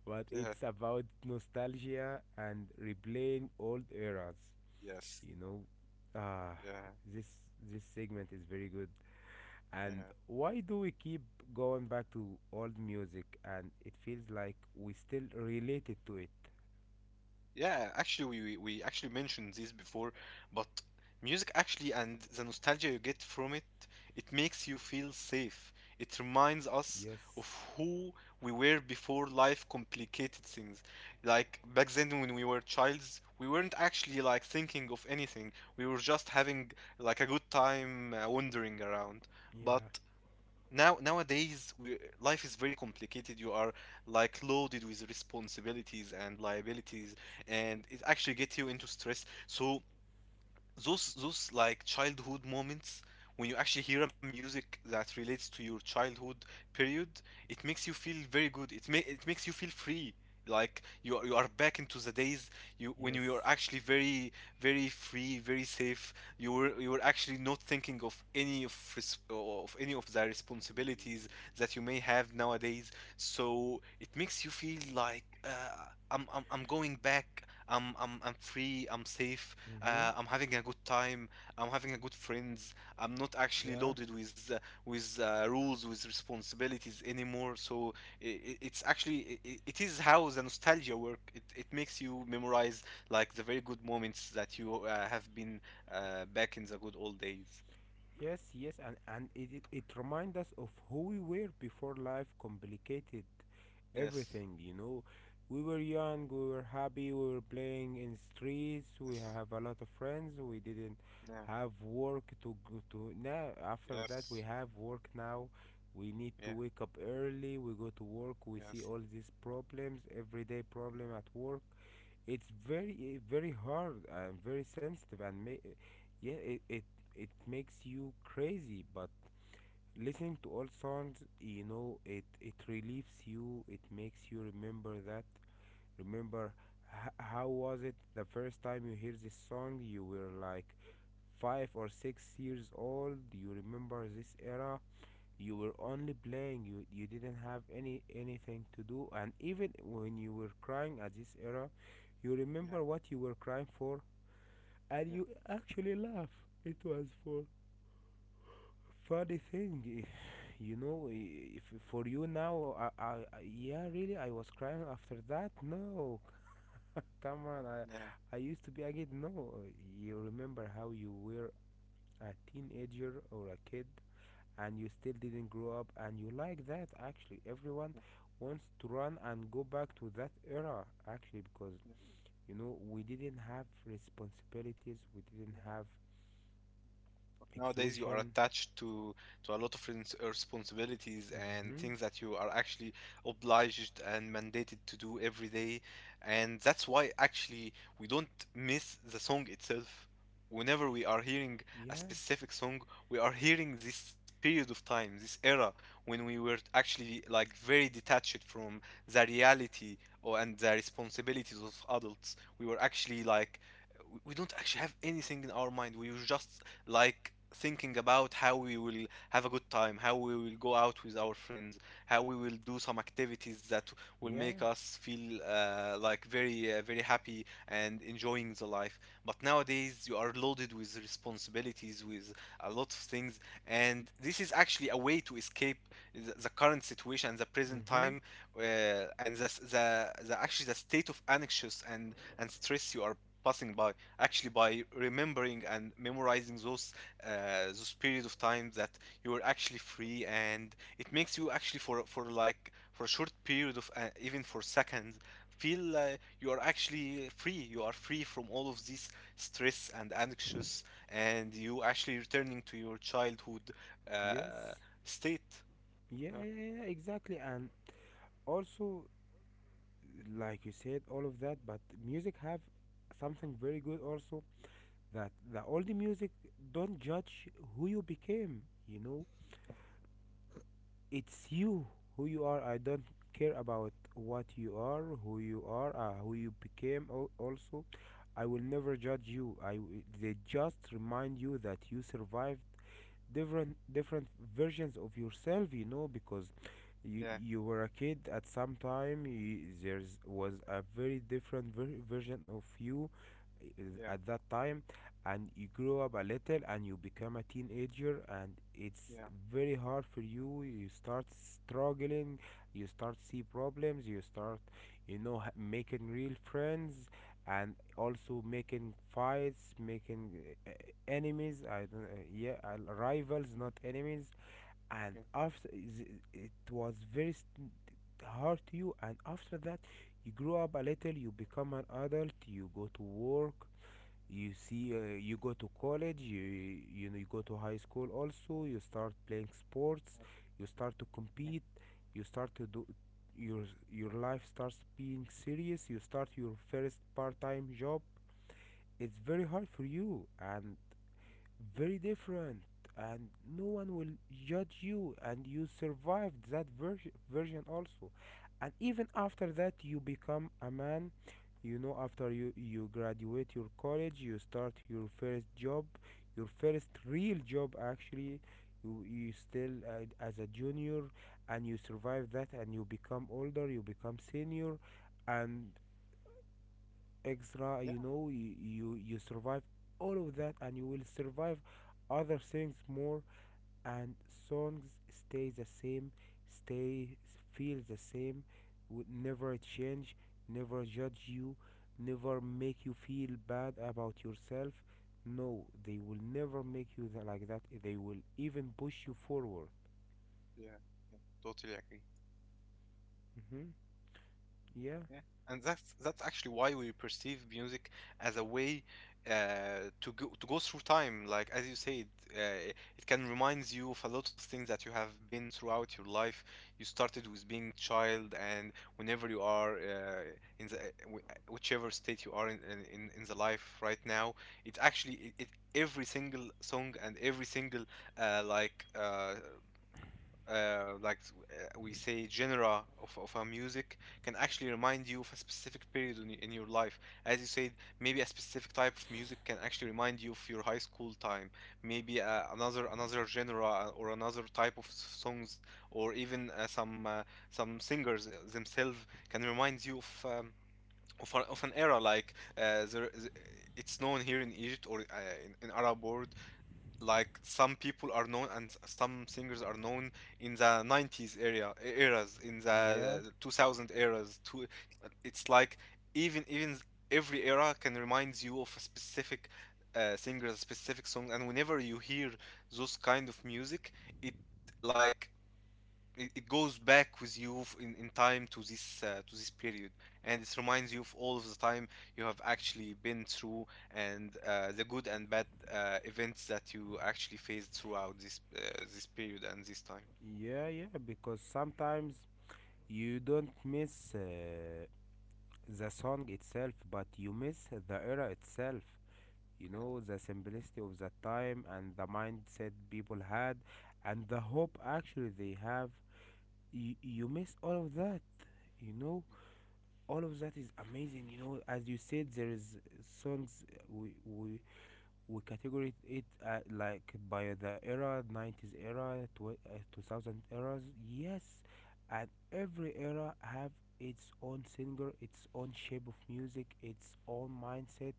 Speaker 1: but
Speaker 2: Yeah.
Speaker 1: it's about nostalgia and replaying old eras.
Speaker 2: Yes.
Speaker 1: You know, ah,
Speaker 2: Yeah.
Speaker 1: this this segment is very good, and
Speaker 2: Yeah.
Speaker 1: why do we keep going back to old music and it feels like we still related to it?
Speaker 2: Yeah, actually, we we we actually mentioned this before, but music actually and the nostalgia you get from it, it makes you feel safe. It reminds us
Speaker 1: Yes.
Speaker 2: of who we were before life complicated things. Like back then when we were childs, we weren't actually like thinking of anything. We were just having like a good time, uh, wandering around.
Speaker 1: Yeah.
Speaker 2: But now nowadays we, life is very complicated. You are like loaded with responsibilities and liabilities, and it actually gets you into stress. So those, those like childhood moments, when you actually hear a music that relates to your childhood period, it makes you feel very good. It ma- it makes you feel free, like you are, you are back into the days, you when you were
Speaker 1: Yes.
Speaker 2: actually very very free, very safe. You were you were actually not thinking of any of res- of any of the responsibilities that you may have nowadays. So it makes you feel like, uh, I'm, I'm I'm going back, I'm I'm I'm free, I'm safe,
Speaker 1: Mm-hmm.
Speaker 2: uh, I'm having a good time, I'm having a good friends, I'm not actually
Speaker 1: Yeah.
Speaker 2: loaded with uh, with uh, rules, with responsibilities anymore. So it, it's actually— it, it is how the nostalgia work. It, it makes you memorize like the very good moments that you uh, have been, uh, back in the good old days.
Speaker 1: Yes, yes, and, and it, it it reminds us of who we were before life complicated
Speaker 2: Yes.
Speaker 1: everything, you know. We were young, we were happy, we were playing in streets, we
Speaker 2: Yes.
Speaker 1: have a lot of friends, we didn't
Speaker 2: Yeah.
Speaker 1: have work to go to. Now, after that, we
Speaker 2: Yes.
Speaker 1: have work now. We need to
Speaker 2: Yeah.
Speaker 1: wake up early, we go to work, we see
Speaker 2: Yes.
Speaker 1: all these problems, everyday
Speaker 2: Yeah.
Speaker 1: problem at work. It's very, very hard and very sensitive and ma- yeah, it, it, it makes you crazy, but listening to old songs, you know, it it relieves you, it makes you remember that remember h- how was it the first time you hear this song, you were like five or six years old, you remember this era, you were
Speaker 2: Mhm.
Speaker 1: only playing, you you didn't have any anything to do, and even when you were crying at this era you remember
Speaker 2: Yeah.
Speaker 1: what you were crying for, and you
Speaker 2: Yeah.
Speaker 1: actually laugh, it was for funny thing. [LAUGHS] You know i- if for you now I, I, I, yeah, really I was crying after that, no, come on, i
Speaker 2: Yeah.
Speaker 1: I used to be a kid. No, you remember how you were a teenager or a kid and you still didn't grow up, and you like that, actually everyone wants to run and go back to that era actually because,
Speaker 2: Yeah.
Speaker 1: you know, we didn't have responsibilities, we didn't
Speaker 2: Yeah.
Speaker 1: have
Speaker 2: Nowadays you
Speaker 1: exhaustion.
Speaker 2: are attached to to a lot of rens- responsibilities and
Speaker 1: Mhm.
Speaker 2: things that you are actually obliged and mandated to do every day, and that's why actually we don't miss the song itself. Whenever we are hearing
Speaker 1: Yeah,
Speaker 2: a specific song, we are hearing this period of time, this era when we were actually like very detached from the reality, or and the responsibilities of adults. We were actually like, we we don't actually have anything in our mind. We were just like thinking about how we will have a good time, how we will go out with our friends, how we will do some activities that will make
Speaker 1: yeah.
Speaker 2: us feel, uh, like very uh, very happy and enjoying the life. But nowadays you are loaded with responsibilities, with a lot of things, and this is actually a way to escape the, the current situation, the present
Speaker 1: Mhm.
Speaker 2: time, uh, and the, the the actually the state of anxious and and stress you are passing by, actually by remembering and memorizing those uh, those period of time that you were actually free. And it makes you actually for for like for a short period of, uh, even for seconds, feel, uh, you are actually free. You are free from all of this stress and anxious, and you actually returning to your childhood,
Speaker 1: Yes.
Speaker 2: uh, state.
Speaker 1: Yeah, yeah, yeah, yeah, exactly. And also, like you said, all of that, but music have something very good also, that the old music don't judge who you became, you know?
Speaker 2: Mm.
Speaker 1: It's you who you are. I don't care about what you are, who you are, uh, who you became al- also. I will never judge you. I w- they just remind you that you survived different different versions of yourself, you know because you
Speaker 2: Yeah,
Speaker 1: you were a kid at some time. You, there's was a very different ver- version of you uh,
Speaker 2: yeah,
Speaker 1: at that time. And you
Speaker 2: mhm,
Speaker 1: grow up a little and you become a teenager, and it's
Speaker 2: yeah,
Speaker 1: very hard for you you start struggling, you start see problems, you start you know ha- making real friends, and also making fights, making uh, enemies. I don't, uh, yeah, uh, rivals,
Speaker 2: mhm,
Speaker 1: not
Speaker 2: mhm,
Speaker 1: enemies. And
Speaker 2: yeah,
Speaker 1: after is- it was very st- hard to you. And after that, you grow up a little, you become an adult, you go to work, you see, uh, you go to college, you you know you go to high school also. You start playing sports, you start to
Speaker 2: yeah,
Speaker 1: compete, you start to do your your life starts being serious. You start your first part-time job. It's very hard for you, and very different. And no one will judge you, and you survived that ver- version also. And even after that, you become a man, you know after you you graduate your college. You start your first job, your first real job, actually. You, you still, uh, as a junior. And you survive that, and you become older, you become senior, and extra. you
Speaker 2: yeah,
Speaker 1: know you, you you survive all of that, and you will survive other things more. And songs stay the same, stay feel the same. Would never change, never judge you, never make you feel bad about yourself. No, they will never make you tha- like that. They will even push you forward.
Speaker 2: yeah, yeah. Totally agree.
Speaker 1: Hmm. Yeah.
Speaker 2: Yeah, and that's that's actually why we perceive music as a way, uh, to go— to go through time. Like as you said, uh, it can remind you of a lot of things that you have been throughout your life. You started with being child, and whenever you are, uh, in the w- whichever state you are in, in in in the life right now, it actually— it, it, every single song and every single, uh, like uh, uh, like s- uh, we say, genre of, of a music, can actually remind you of a specific period in, y- in your life. As you said, maybe a specific type of music can actually remind you of your high school time, maybe uh, another, another genre, uh, or another type of s- songs, or even uh, some uh, some singers uh, themselves, can remind you of um, of, a, of an era. Like, uh, there, th- it's known here in Egypt, or uh, in, in Arab world, like some people are known and s- some singers are known in the nineties area, e, eras in the
Speaker 1: Yeah,
Speaker 2: uh, two thousand eras to. It's like, even even s- every era can remind you of a specific, uh, singer, a specific song. And whenever you hear those kind of music, it like, it, it goes back with you f- in, in time to this uh, to this period, and it reminds you of all of the time you have actually been through and, uh, the good and bad, uh, events that you actually faced throughout this uh, this period and this time.
Speaker 1: yeah, yeah, because sometimes you don't miss, uh, the song itself, but you miss the era itself. You know, the simplicity of that time and the mindset people had, and the hope actually they have. You, you miss all of that. You know, all of that is amazing. You know, as you said, there is songs we, we we categorize it, uh, like by the era. nineties era, tw- uh, two thousand eras, yes. And every era have its own singer, its own shape of music, its own mindset.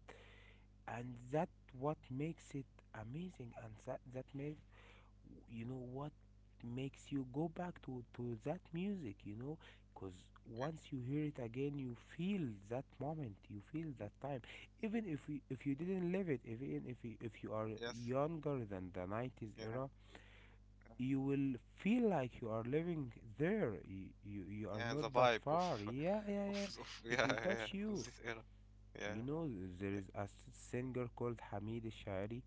Speaker 1: And that what makes it amazing. And that that make, you know what makes you go back to, to that music, you know, because
Speaker 2: Yeah.
Speaker 1: once you hear it again, you feel that moment, you feel
Speaker 2: Yeah.
Speaker 1: that time. Even if you, if you didn't live it, if, even if you, if you are
Speaker 2: Yes.
Speaker 1: younger than the nineties
Speaker 2: Yeah.
Speaker 1: era,
Speaker 2: Yeah,
Speaker 1: you will feel like you are living there. You, you, you are
Speaker 2: yeah,
Speaker 1: not
Speaker 2: the
Speaker 1: that
Speaker 2: vibe of
Speaker 1: far. Yeah, yeah, yeah.
Speaker 2: of, of [LAUGHS]
Speaker 1: It
Speaker 2: yeah
Speaker 1: will
Speaker 2: yeah
Speaker 1: touch
Speaker 2: of
Speaker 1: you.
Speaker 2: this era.
Speaker 1: You
Speaker 2: yeah
Speaker 1: know, there
Speaker 2: yeah
Speaker 1: is a s- singer called Hamid Shahri.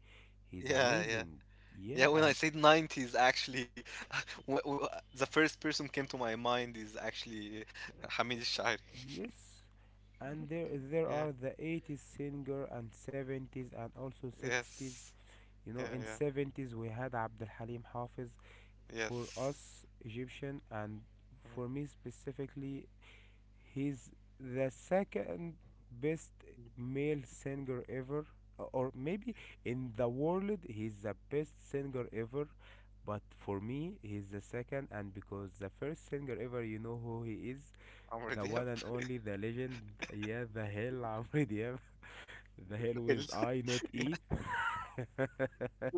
Speaker 1: He's
Speaker 2: yeah yeah
Speaker 1: amazing. Yeah,
Speaker 2: Yeah, when
Speaker 1: and
Speaker 2: I said nineties, actually, [LAUGHS] w w the first person came to my mind is actually Hamid Shaari.
Speaker 1: yes, and there there
Speaker 2: Yeah,
Speaker 1: are the eighties singer, and seventies, and also sixties.
Speaker 2: yes.
Speaker 1: You know,
Speaker 2: Yeah,
Speaker 1: in
Speaker 2: yeah,
Speaker 1: seventies we had Abdul Halim Hafiz. For
Speaker 2: yes.
Speaker 1: us Egyptian, and
Speaker 2: Yeah.
Speaker 1: for me specifically, he's the second best
Speaker 2: Mm,
Speaker 1: male singer ever, o- or maybe
Speaker 2: yeah.
Speaker 1: in the world he's the best singer ever. But for me, he's the second, and because the first singer ever, you know who he is,
Speaker 2: عمرو
Speaker 1: the
Speaker 2: دياب
Speaker 1: one and only, the legend, yeah, the hell, عمرو دياب, [LAUGHS] the hell with
Speaker 2: ال-
Speaker 1: I, not
Speaker 2: [LAUGHS] [LAUGHS]
Speaker 1: E.
Speaker 2: yeah.
Speaker 1: [LAUGHS]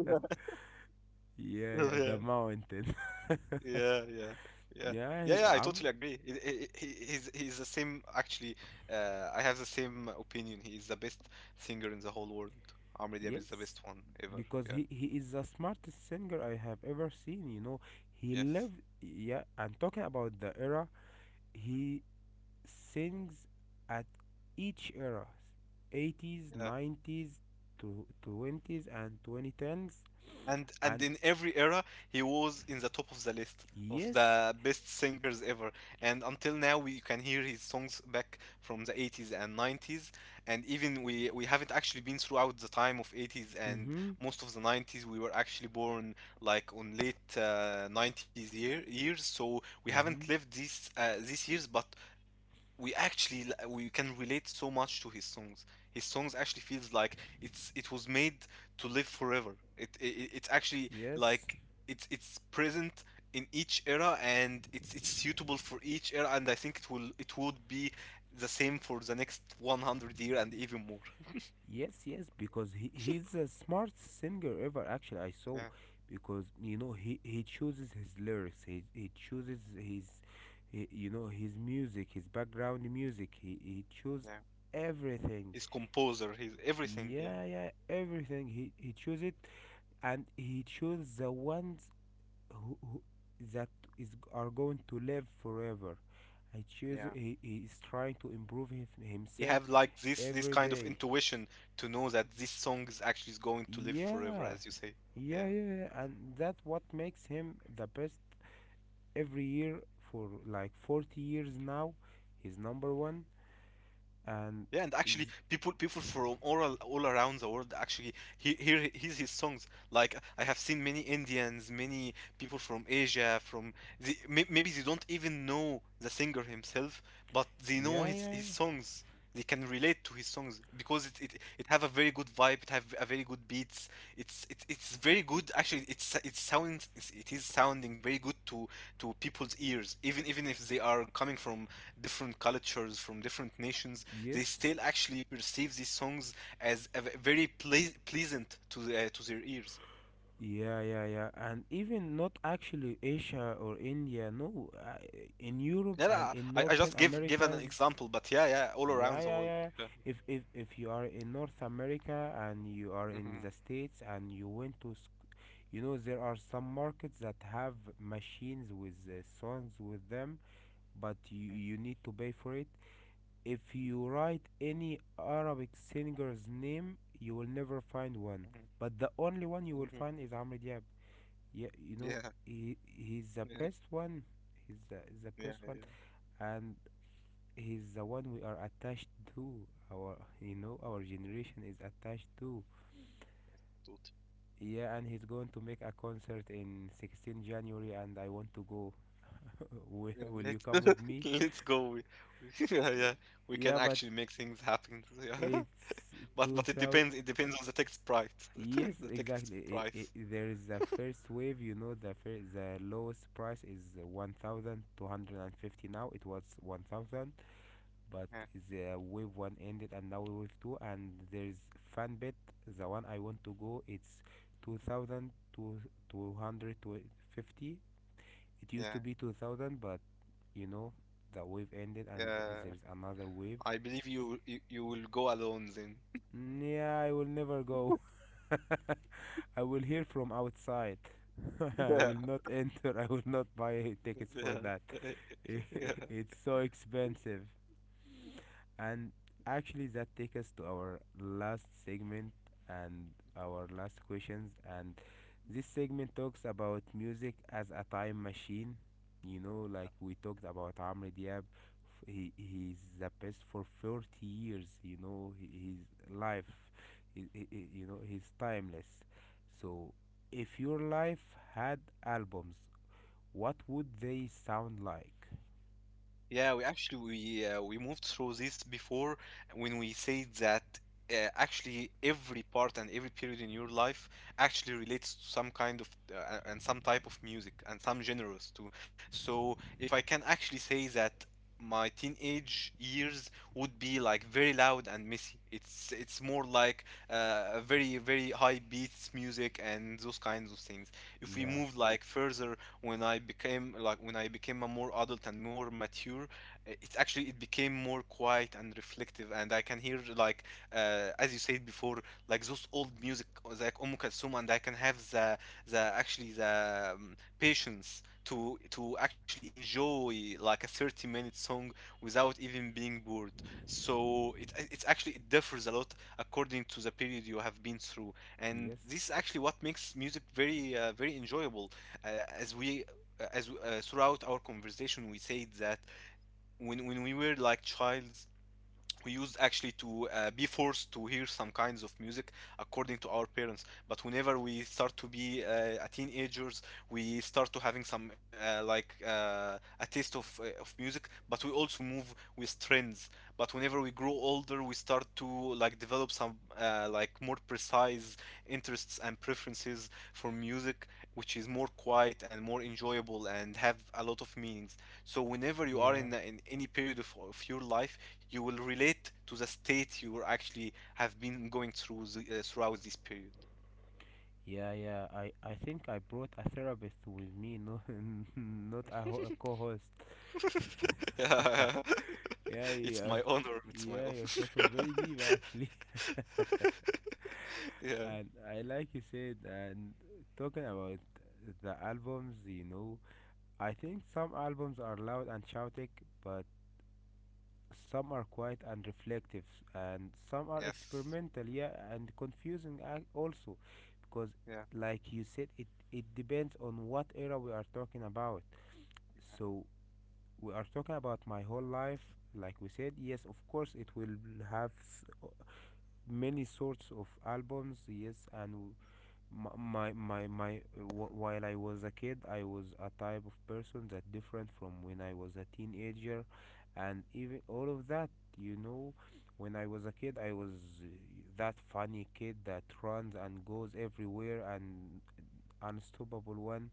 Speaker 1: Yeah, yeah,
Speaker 2: Yeah,
Speaker 1: the
Speaker 2: yeah,
Speaker 1: mountain. [LAUGHS]
Speaker 2: yeah, yeah, yeah,
Speaker 1: Yeah,
Speaker 2: yeah.
Speaker 1: he,
Speaker 2: yeah. I
Speaker 1: I'm,
Speaker 2: totally agree. He, he, he- he's he's the same. Actually, uh, I have the same opinion. He is the best singer in the whole world. Amr Diab is the
Speaker 1: yes,
Speaker 2: best one ever.
Speaker 1: because he,
Speaker 2: Yeah.
Speaker 1: he is the smartest singer I have ever seen, you know. He
Speaker 2: Yes.
Speaker 1: lived, yeah, I'm talking about the era. He sings at each era, eighties,
Speaker 2: Yeah.
Speaker 1: nineties, to twenties, and twenty tens.
Speaker 2: and
Speaker 1: And
Speaker 2: and in every era he was in the top of the list of
Speaker 1: yes,
Speaker 2: the best singers ever, and until now we can hear his songs back from the eighties and nineties. And even we we haven't actually been throughout the time of eighties and
Speaker 1: mm-hmm.
Speaker 2: most of the nineties. We were actually born like on late uh, nineties year, years, so we
Speaker 1: Mm-hmm.
Speaker 2: haven't lived these uh, these years, but we actually l- we can relate so much to his songs. His songs actually feels like it's it was made to live forever. It, it it's actually
Speaker 1: Yes,
Speaker 2: like it's it's present in each era, and it's it's suitable for each era, and I think it will it would be the same for the next one hundred year and even more.
Speaker 1: yes, yes. Because he he's the smartest singer ever. Actually, I saw,
Speaker 2: Yeah.
Speaker 1: because you know he he chooses his lyrics. He he chooses his, he, you know his music, his background music. He he chooses
Speaker 2: Yeah.
Speaker 1: everything.
Speaker 2: His composer, his everything, yeah.
Speaker 1: Yeah, yeah, everything. He he chooses, it, and he chooses the ones who, who that is are going to live forever. He chose.
Speaker 2: Yeah.
Speaker 1: He he is trying to improve his,
Speaker 2: He
Speaker 1: himself
Speaker 2: have like this this
Speaker 1: every
Speaker 2: kind of
Speaker 1: day.
Speaker 2: intuition to know that this song is actually is going to live forever,
Speaker 1: Yeah,
Speaker 2: as you say.
Speaker 1: yeah,
Speaker 2: Yeah.
Speaker 1: yeah, yeah, and that's what makes him the best every year for like forty years now. He's number one, and
Speaker 2: Yeah, and actually,
Speaker 1: z-
Speaker 2: people people from all all around the world actually he- hear hear his songs. Like I have seen many Indians, many people from Asia, from the, may- maybe they don't even know the singer himself, but they know
Speaker 1: yeah,
Speaker 2: his
Speaker 1: yeah,
Speaker 2: his
Speaker 1: yeah,
Speaker 2: songs. They can relate to his songs because it it, it have a very good vibe. It have a very good beat. It's it's it's very good. Actually, it's it sounds it's, it is sounding very good to to people's ears, even even if they are coming from different cultures, from different nations. They
Speaker 1: yes,
Speaker 2: still actually perceive these songs as a ve- very ple pleasant to the, to their ears.
Speaker 1: yeah, yeah, yeah, and even not actually Asia or India, no, uh, in Europe
Speaker 2: Yeah,
Speaker 1: and
Speaker 2: yeah,
Speaker 1: in
Speaker 2: I, I
Speaker 1: Northern
Speaker 2: just give give an
Speaker 1: Americas.
Speaker 2: example, but yeah, yeah, all
Speaker 1: Yeah,
Speaker 2: around
Speaker 1: yeah,
Speaker 2: the
Speaker 1: yeah.
Speaker 2: world.
Speaker 1: Yeah. If if if you are in North America, and you are in the
Speaker 2: Mm-hmm.
Speaker 1: States, and you went to, you know there are some markets that have machines with, uh, songs with them, but you, you need to pay for it. If
Speaker 2: Mm-hmm.
Speaker 1: you write any Arabic singer's name you will never find one, but the only one you will
Speaker 2: Mm-hmm.
Speaker 1: find is Amr Diab. Yeah, you know
Speaker 2: Yeah,
Speaker 1: he, he's the best
Speaker 2: [LAUGHS]
Speaker 1: one, he's the, the
Speaker 2: yeah,
Speaker 1: best one,
Speaker 2: yeah,
Speaker 1: and he's the one we are attached to. Our, you know our generation is attached to.
Speaker 2: yeah.
Speaker 1: Yeah, and he's going to make a concert in sixteen January and I want to go. [LAUGHS] will,
Speaker 2: Yeah,
Speaker 1: will you
Speaker 2: let's
Speaker 1: come with
Speaker 2: [LAUGHS]
Speaker 1: me?
Speaker 2: let's go. We- [LAUGHS] Yeah,
Speaker 1: Uh,
Speaker 2: yeah. We can
Speaker 1: yeah, but
Speaker 2: actually make things happen. [LAUGHS] Yeah.
Speaker 1: it's
Speaker 2: But but it
Speaker 1: two thousand.
Speaker 2: depends it depends on the text price.
Speaker 1: Yes,
Speaker 2: [LAUGHS] The text
Speaker 1: exactly, it,
Speaker 2: price.
Speaker 1: it, there is a first wave, you know the first, the lowest price is, uh, one thousand two hundred fifty now, it was one thousand. But
Speaker 2: Yeah.
Speaker 1: the wave one ended and now wave two, and there is fan bet. The one I want to go, it's two
Speaker 2: Mhm.
Speaker 1: thousand two two hundred fifty. It used
Speaker 2: Yeah.
Speaker 1: to be two thousand, but you know the wave ended and th-
Speaker 2: Yeah.
Speaker 1: there's another wave.
Speaker 2: I believe you you, you will go alone then.
Speaker 1: Mm. Yeah, I will never go. [LAUGHS] I will hear from outside. [LAUGHS]
Speaker 2: [LAUGHS]
Speaker 1: I
Speaker 2: Yeah.
Speaker 1: will not enter. I will not buy tickets for
Speaker 2: Yeah.
Speaker 1: that. [LAUGHS]
Speaker 2: [LAUGHS] Yeah.
Speaker 1: It's so expensive. And actually, that takes us to our last segment and our last questions. And this segment talks about music as a time machine. You know, like we talked about Amr Diab. F- He he's the best for forty years. You know, he, his life, he, he, he- you know, he's timeless. So, if your life had albums, what would they sound like?
Speaker 2: Yeah, we actually we uh, we moved through this before, when we said that uh, actually every part and every period in your life actually relates to some kind of uh, a- and some type of music and some genres too. So if I can actually say that my teenage years would be like very loud and messy. It's it's more like uh, a very very high beats music and those kinds of things. If we
Speaker 1: Yeah.
Speaker 2: move like further, when I became like when I became a more adult and more mature, i- it's actually it became more quiet and reflective, and I can hear like uh, as you said before, like those old music uh, like Umm Kulthum. And I can have the the actually the um, patience to to actually enjoy like a thirty minute song without even being bored. So it it- it's actually it differs a lot according to the period you have been through, and
Speaker 1: Yes.
Speaker 2: this is actually what makes music very uh, very enjoyable. Uh, as we uh, as uh, Throughout our conversation, we said that when when we were like childs, we used actually to uh, be forced to hear some kinds of music according to our parents. But whenever we start to be uh, a teenagers, we start to having some uh, like uh, a taste of, uh, of music, but we also move with trends. But whenever we grow older, we start to like develop some uh, like more precise interests and preferences for music, which is more quiet and more enjoyable and have a lot of meanings. So whenever you are
Speaker 1: Yeah.
Speaker 2: in, a- in any period of, of your life, you will relate to the state you were actually have been going through the, uh, throughout this period.
Speaker 1: Yeah, yeah. I, I think I brought a therapist with me, no, [LAUGHS] not a, ho- a co-host.
Speaker 2: [LAUGHS]
Speaker 1: [LAUGHS]
Speaker 2: Yeah.
Speaker 1: Yeah,
Speaker 2: [LAUGHS]
Speaker 1: you
Speaker 2: It's
Speaker 1: are.
Speaker 2: my honor. It's my
Speaker 1: Yeah, you're talking
Speaker 2: honor.
Speaker 1: very deep actually,
Speaker 2: [LAUGHS]
Speaker 1: [LAUGHS]
Speaker 2: Yeah.
Speaker 1: and I like you said, and talking about the albums. You know, I think some albums are loud and shouting, but some are quiet and reflective, and some are
Speaker 2: Yes.
Speaker 1: experimental. Yeah, and confusing ac- also, because
Speaker 2: Yeah.
Speaker 1: like you said, it it depends on what era we are talking about.
Speaker 2: Yeah.
Speaker 1: So we are talking about my whole life, like we said, yes, of course it will have s- o- many sorts of albums, yes. And w- my my my, my w- while I was a kid, I was a type of person that different from when I was a teenager. And even all of that, you know when I was a kid,
Speaker 2: Yeah,
Speaker 1: I was, uh, that funny kid that runs and goes everywhere, and unstoppable one.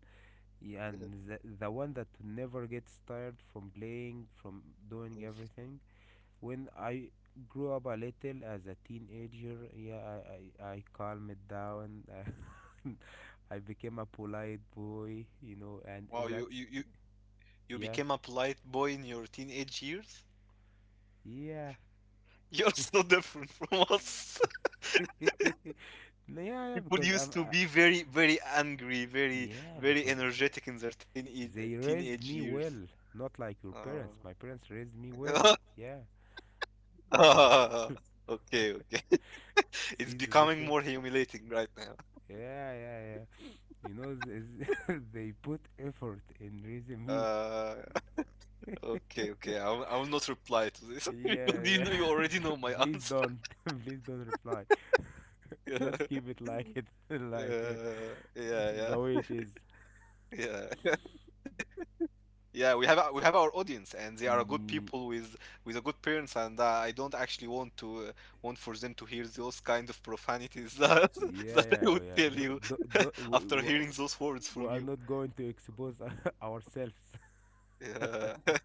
Speaker 1: Yeah,
Speaker 2: yeah,
Speaker 1: and the, the one that never gets tired from playing, from doing
Speaker 2: yes.
Speaker 1: everything. When I grew up a little as a teenager, yeah, I, I, I calmed it down. [LAUGHS] I became a polite boy, you know, and
Speaker 2: Wow, you,
Speaker 1: that's,
Speaker 2: you, you, you
Speaker 1: yeah,
Speaker 2: became a polite boy in your teenage years?
Speaker 1: yeah.
Speaker 2: [LAUGHS] You're so different from us. [LAUGHS]
Speaker 1: [LAUGHS] Yeah, yeah,
Speaker 2: People
Speaker 1: because I'm,
Speaker 2: used
Speaker 1: uh,
Speaker 2: to be very, very angry, very,
Speaker 1: yeah, because
Speaker 2: very energetic in their teen
Speaker 1: they raised
Speaker 2: teenage
Speaker 1: me
Speaker 2: years.
Speaker 1: well, not like your
Speaker 2: Uh,
Speaker 1: parents. My parents raised me well.
Speaker 2: [LAUGHS]
Speaker 1: Yeah,
Speaker 2: [LAUGHS] Okay, okay. [LAUGHS] It's
Speaker 1: see the
Speaker 2: becoming
Speaker 1: difference?
Speaker 2: more humiliating right now.
Speaker 1: Yeah, yeah, yeah. You know, th- [LAUGHS] they put effort in raising me.
Speaker 2: Uh, okay, okay. I will, I will not reply to this [LAUGHS] because
Speaker 1: Yeah,
Speaker 2: you know you
Speaker 1: yeah.
Speaker 2: already know my
Speaker 1: [LAUGHS] Please
Speaker 2: answer.
Speaker 1: don't. [LAUGHS] Please don't reply. [LAUGHS] Just keep
Speaker 2: [LAUGHS]
Speaker 1: it like it, [LAUGHS]
Speaker 2: Yeah,
Speaker 1: like uh,
Speaker 2: uh, yeah,
Speaker 1: [LAUGHS] the way
Speaker 2: yeah,
Speaker 1: it is.
Speaker 2: yeah. [LAUGHS] Yeah, we have our- we have our audience, and they are good
Speaker 1: Mm,
Speaker 2: people with with a good parents, and uh, I don't actually want to uh, want for them to hear those kind of profanities [LAUGHS] that
Speaker 1: yeah,
Speaker 2: that I
Speaker 1: yeah, oh,
Speaker 2: would
Speaker 1: yeah.
Speaker 2: tell
Speaker 1: Do,
Speaker 2: you
Speaker 1: do, do,
Speaker 2: [LAUGHS]
Speaker 1: we,
Speaker 2: after
Speaker 1: we
Speaker 2: hearing those words
Speaker 1: we
Speaker 2: from
Speaker 1: are
Speaker 2: you.
Speaker 1: not going to expose [LAUGHS] ourselves. [LAUGHS]
Speaker 2: Yeah, [LAUGHS]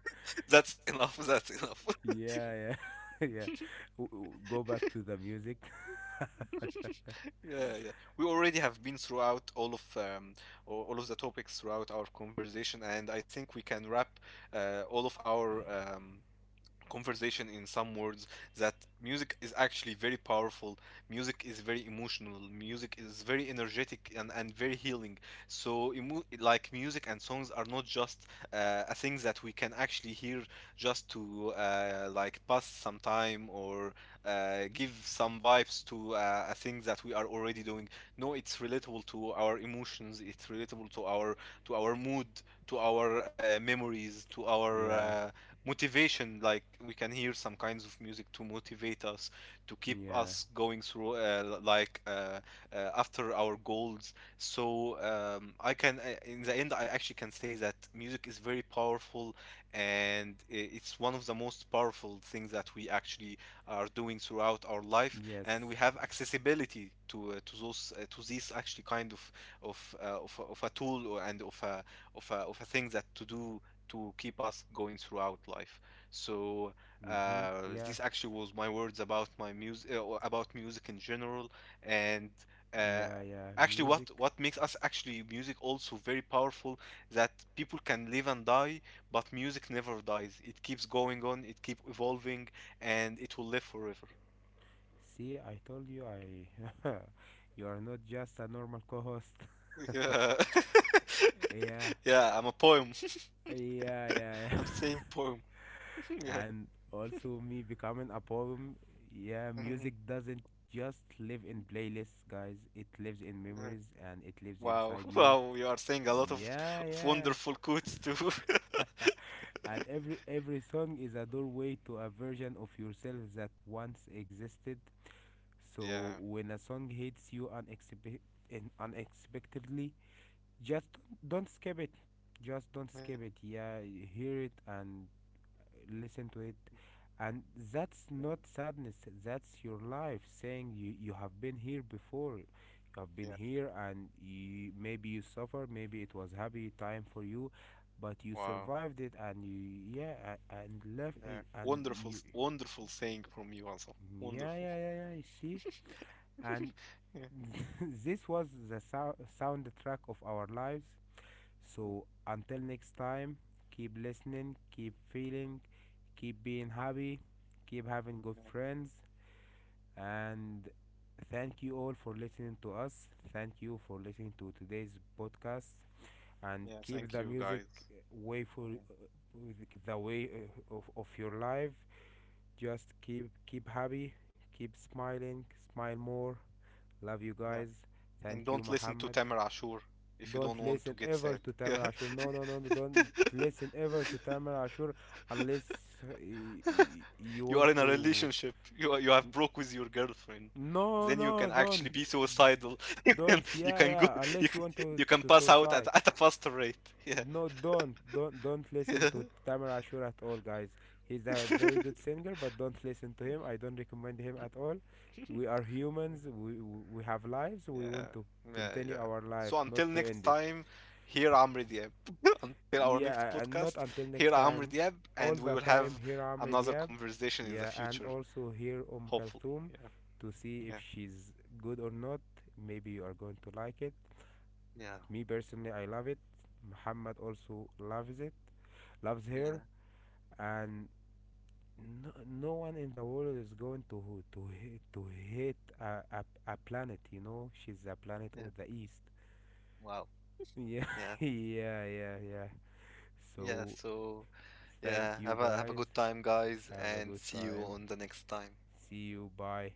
Speaker 2: that's enough. That's enough.
Speaker 1: Yeah, yeah, [LAUGHS] yeah. W- w- Go back to the music. [LAUGHS]
Speaker 2: Yeah, yeah. We already have been throughout all of um, all all of the topics throughout our conversation, and I think we can wrap uh, all of our um, conversation in some words that music is actually very powerful. Music is very emotional, music is very energetic, and and very healing. So emo- like music and songs are not just uh, a things that we can actually hear just to uh, like pass some time or uh, give some vibes to uh, a things that we are already doing. No, it's relatable to our emotions, it's relatable to our to our mood, to our uh, memories, to our
Speaker 1: Yeah,
Speaker 2: uh, motivation. Like we can hear some kinds of music to motivate us, to keep
Speaker 1: yeah,
Speaker 2: us going through uh, like uh, uh, after our goals. So um, I can uh, in the end, I actually can say that music is very powerful, and i- it's one of the most powerful things that we actually are doing throughout our life. And we
Speaker 1: yes.
Speaker 2: have accessibility to, uh, to those uh, to these actually kind of of, uh, of a- of a tool, or- and of a of a, of a thing that to do, to keep us going throughout life. So
Speaker 1: Mhm.
Speaker 2: uh, this
Speaker 1: Yeah,
Speaker 2: actually was my words about my music, uh, about music in general. And uh,
Speaker 1: yeah, yeah.
Speaker 2: actually what
Speaker 1: Music.
Speaker 2: what makes us actually music also very powerful, that people can live and die, but music never dies. It keeps going on, it keeps evolving, and it will live forever.
Speaker 1: See, I told you I [LAUGHS] you are not just a normal co-host. [LAUGHS]
Speaker 2: Yeah,
Speaker 1: Yeah,
Speaker 2: [LAUGHS] yeah, I'm a poem. [LAUGHS]
Speaker 1: yeah, yeah,
Speaker 2: I'm
Speaker 1: yeah.
Speaker 2: saying poem. [LAUGHS]
Speaker 1: [LAUGHS]
Speaker 2: Yeah.
Speaker 1: And also me becoming a poem. Yeah,
Speaker 2: Mhm.
Speaker 1: music doesn't just live in playlists, guys. It lives in
Speaker 2: Yeah.
Speaker 1: memories and it lives
Speaker 2: Wow,
Speaker 1: inside
Speaker 2: [LAUGHS]
Speaker 1: you.
Speaker 2: wow, you are saying a lot of,
Speaker 1: Yeah,
Speaker 2: of
Speaker 1: yeah.
Speaker 2: wonderful quotes too. [LAUGHS]
Speaker 1: [LAUGHS] And every every song is a doorway to a version of yourself that once existed.
Speaker 2: Yeah,
Speaker 1: So when a song hits you unexpe- in unexpectedly, just don't, don't skip it, just don't
Speaker 2: yeah,
Speaker 1: skip it, yeah, hear it and listen to it. And that's
Speaker 2: yeah,
Speaker 1: not sadness, that's your life saying you you have been here before, you have
Speaker 2: yeah.
Speaker 1: been here. And you, maybe you suffer, maybe it was happy time for you, but you
Speaker 2: Wow,
Speaker 1: survived it and you, yeah, a- and left
Speaker 2: yeah.
Speaker 1: it and
Speaker 2: Wonderful,
Speaker 1: you,
Speaker 2: wonderful saying from you also.
Speaker 1: yeah,
Speaker 2: Wonderful. [LAUGHS]
Speaker 1: yeah, yeah, yeah, you see. And
Speaker 2: Yeah,
Speaker 1: [LAUGHS] this was the sou- soundtrack of our lives. So until next time, keep listening, keep feeling, keep being happy, keep having good
Speaker 2: yeah,
Speaker 1: friends, and thank you all for listening to us. Thank you for listening to today's podcast, and
Speaker 2: yeah.
Speaker 1: keep
Speaker 2: Thank
Speaker 1: the
Speaker 2: you,
Speaker 1: music,
Speaker 2: guys.
Speaker 1: uh, way for,
Speaker 2: Yeah,
Speaker 1: uh, the way, uh, of, of your life. Just keep keep happy, keep smiling, smile more. Love you
Speaker 2: yeah.
Speaker 1: guys.
Speaker 2: And
Speaker 1: Thank you,
Speaker 2: don't listen
Speaker 1: Muhammad.
Speaker 2: to Tamer Ashur if you
Speaker 1: Don't
Speaker 2: don't
Speaker 1: listen
Speaker 2: want to get
Speaker 1: ever to
Speaker 2: sad. [LAUGHS]
Speaker 1: Tamer
Speaker 2: Yeah.
Speaker 1: Ashur. No, no, no, no. Don't
Speaker 2: [LAUGHS]
Speaker 1: listen ever to Tamer Ashur unless, uh, y- y- you
Speaker 2: You
Speaker 1: want
Speaker 2: are in a
Speaker 1: to.
Speaker 2: relationship, you are, you have broke with your girlfriend,
Speaker 1: No,
Speaker 2: then you
Speaker 1: no,
Speaker 2: can actually be
Speaker 1: don't,
Speaker 2: suicidal. [LAUGHS] You can,
Speaker 1: don't.
Speaker 2: you
Speaker 1: Yeah,
Speaker 2: can go,
Speaker 1: yeah.
Speaker 2: you
Speaker 1: Unless you
Speaker 2: can,
Speaker 1: want to
Speaker 2: you can
Speaker 1: to
Speaker 2: pass out at,
Speaker 1: suicide.
Speaker 2: at a faster rate, yeah.
Speaker 1: No, don't, don't, don't
Speaker 2: [LAUGHS]
Speaker 1: listen
Speaker 2: Yeah,
Speaker 1: to Tamer Ashur at all, guys. He's a very good singer, but don't listen to him. I don't recommend him at all. We are humans. We we we have lives. We
Speaker 2: yeah,
Speaker 1: want to
Speaker 2: yeah,
Speaker 1: continue
Speaker 2: yeah.
Speaker 1: our life,
Speaker 2: So
Speaker 1: not
Speaker 2: until
Speaker 1: to
Speaker 2: next
Speaker 1: end it.
Speaker 2: time, here I'm Rediab. [LAUGHS] Until our next
Speaker 1: Yeah, and
Speaker 2: podcast,
Speaker 1: not until
Speaker 2: here
Speaker 1: next
Speaker 2: I'm
Speaker 1: time.
Speaker 2: Rediab,
Speaker 1: All
Speaker 2: and we
Speaker 1: the
Speaker 2: will have
Speaker 1: time here Amr
Speaker 2: another
Speaker 1: Diab.
Speaker 2: conversation in
Speaker 1: Yeah,
Speaker 2: the
Speaker 1: and
Speaker 2: future,
Speaker 1: also here Um
Speaker 2: hopefully.
Speaker 1: Kalthum,
Speaker 2: Yeah,
Speaker 1: to see if
Speaker 2: yeah,
Speaker 1: she's good or not. Maybe you are going to like it.
Speaker 2: yeah,
Speaker 1: Me personally, I love it. Muhammad also loves it, loves
Speaker 2: yeah,
Speaker 1: her. And no, no one in the world is going to ho- to hate, to hate a, a a planet. You know, she's a planet
Speaker 2: yeah.
Speaker 1: of the East.
Speaker 2: Wow,
Speaker 1: Yeah, [LAUGHS]
Speaker 2: yeah,
Speaker 1: yeah, yeah, yeah.
Speaker 2: yeah.
Speaker 1: So
Speaker 2: So,
Speaker 1: thank
Speaker 2: yeah,
Speaker 1: you
Speaker 2: have a
Speaker 1: guys.
Speaker 2: have a good time, guys,
Speaker 1: Have a good
Speaker 2: and see you
Speaker 1: time.
Speaker 2: on the next time.
Speaker 1: See you. Bye.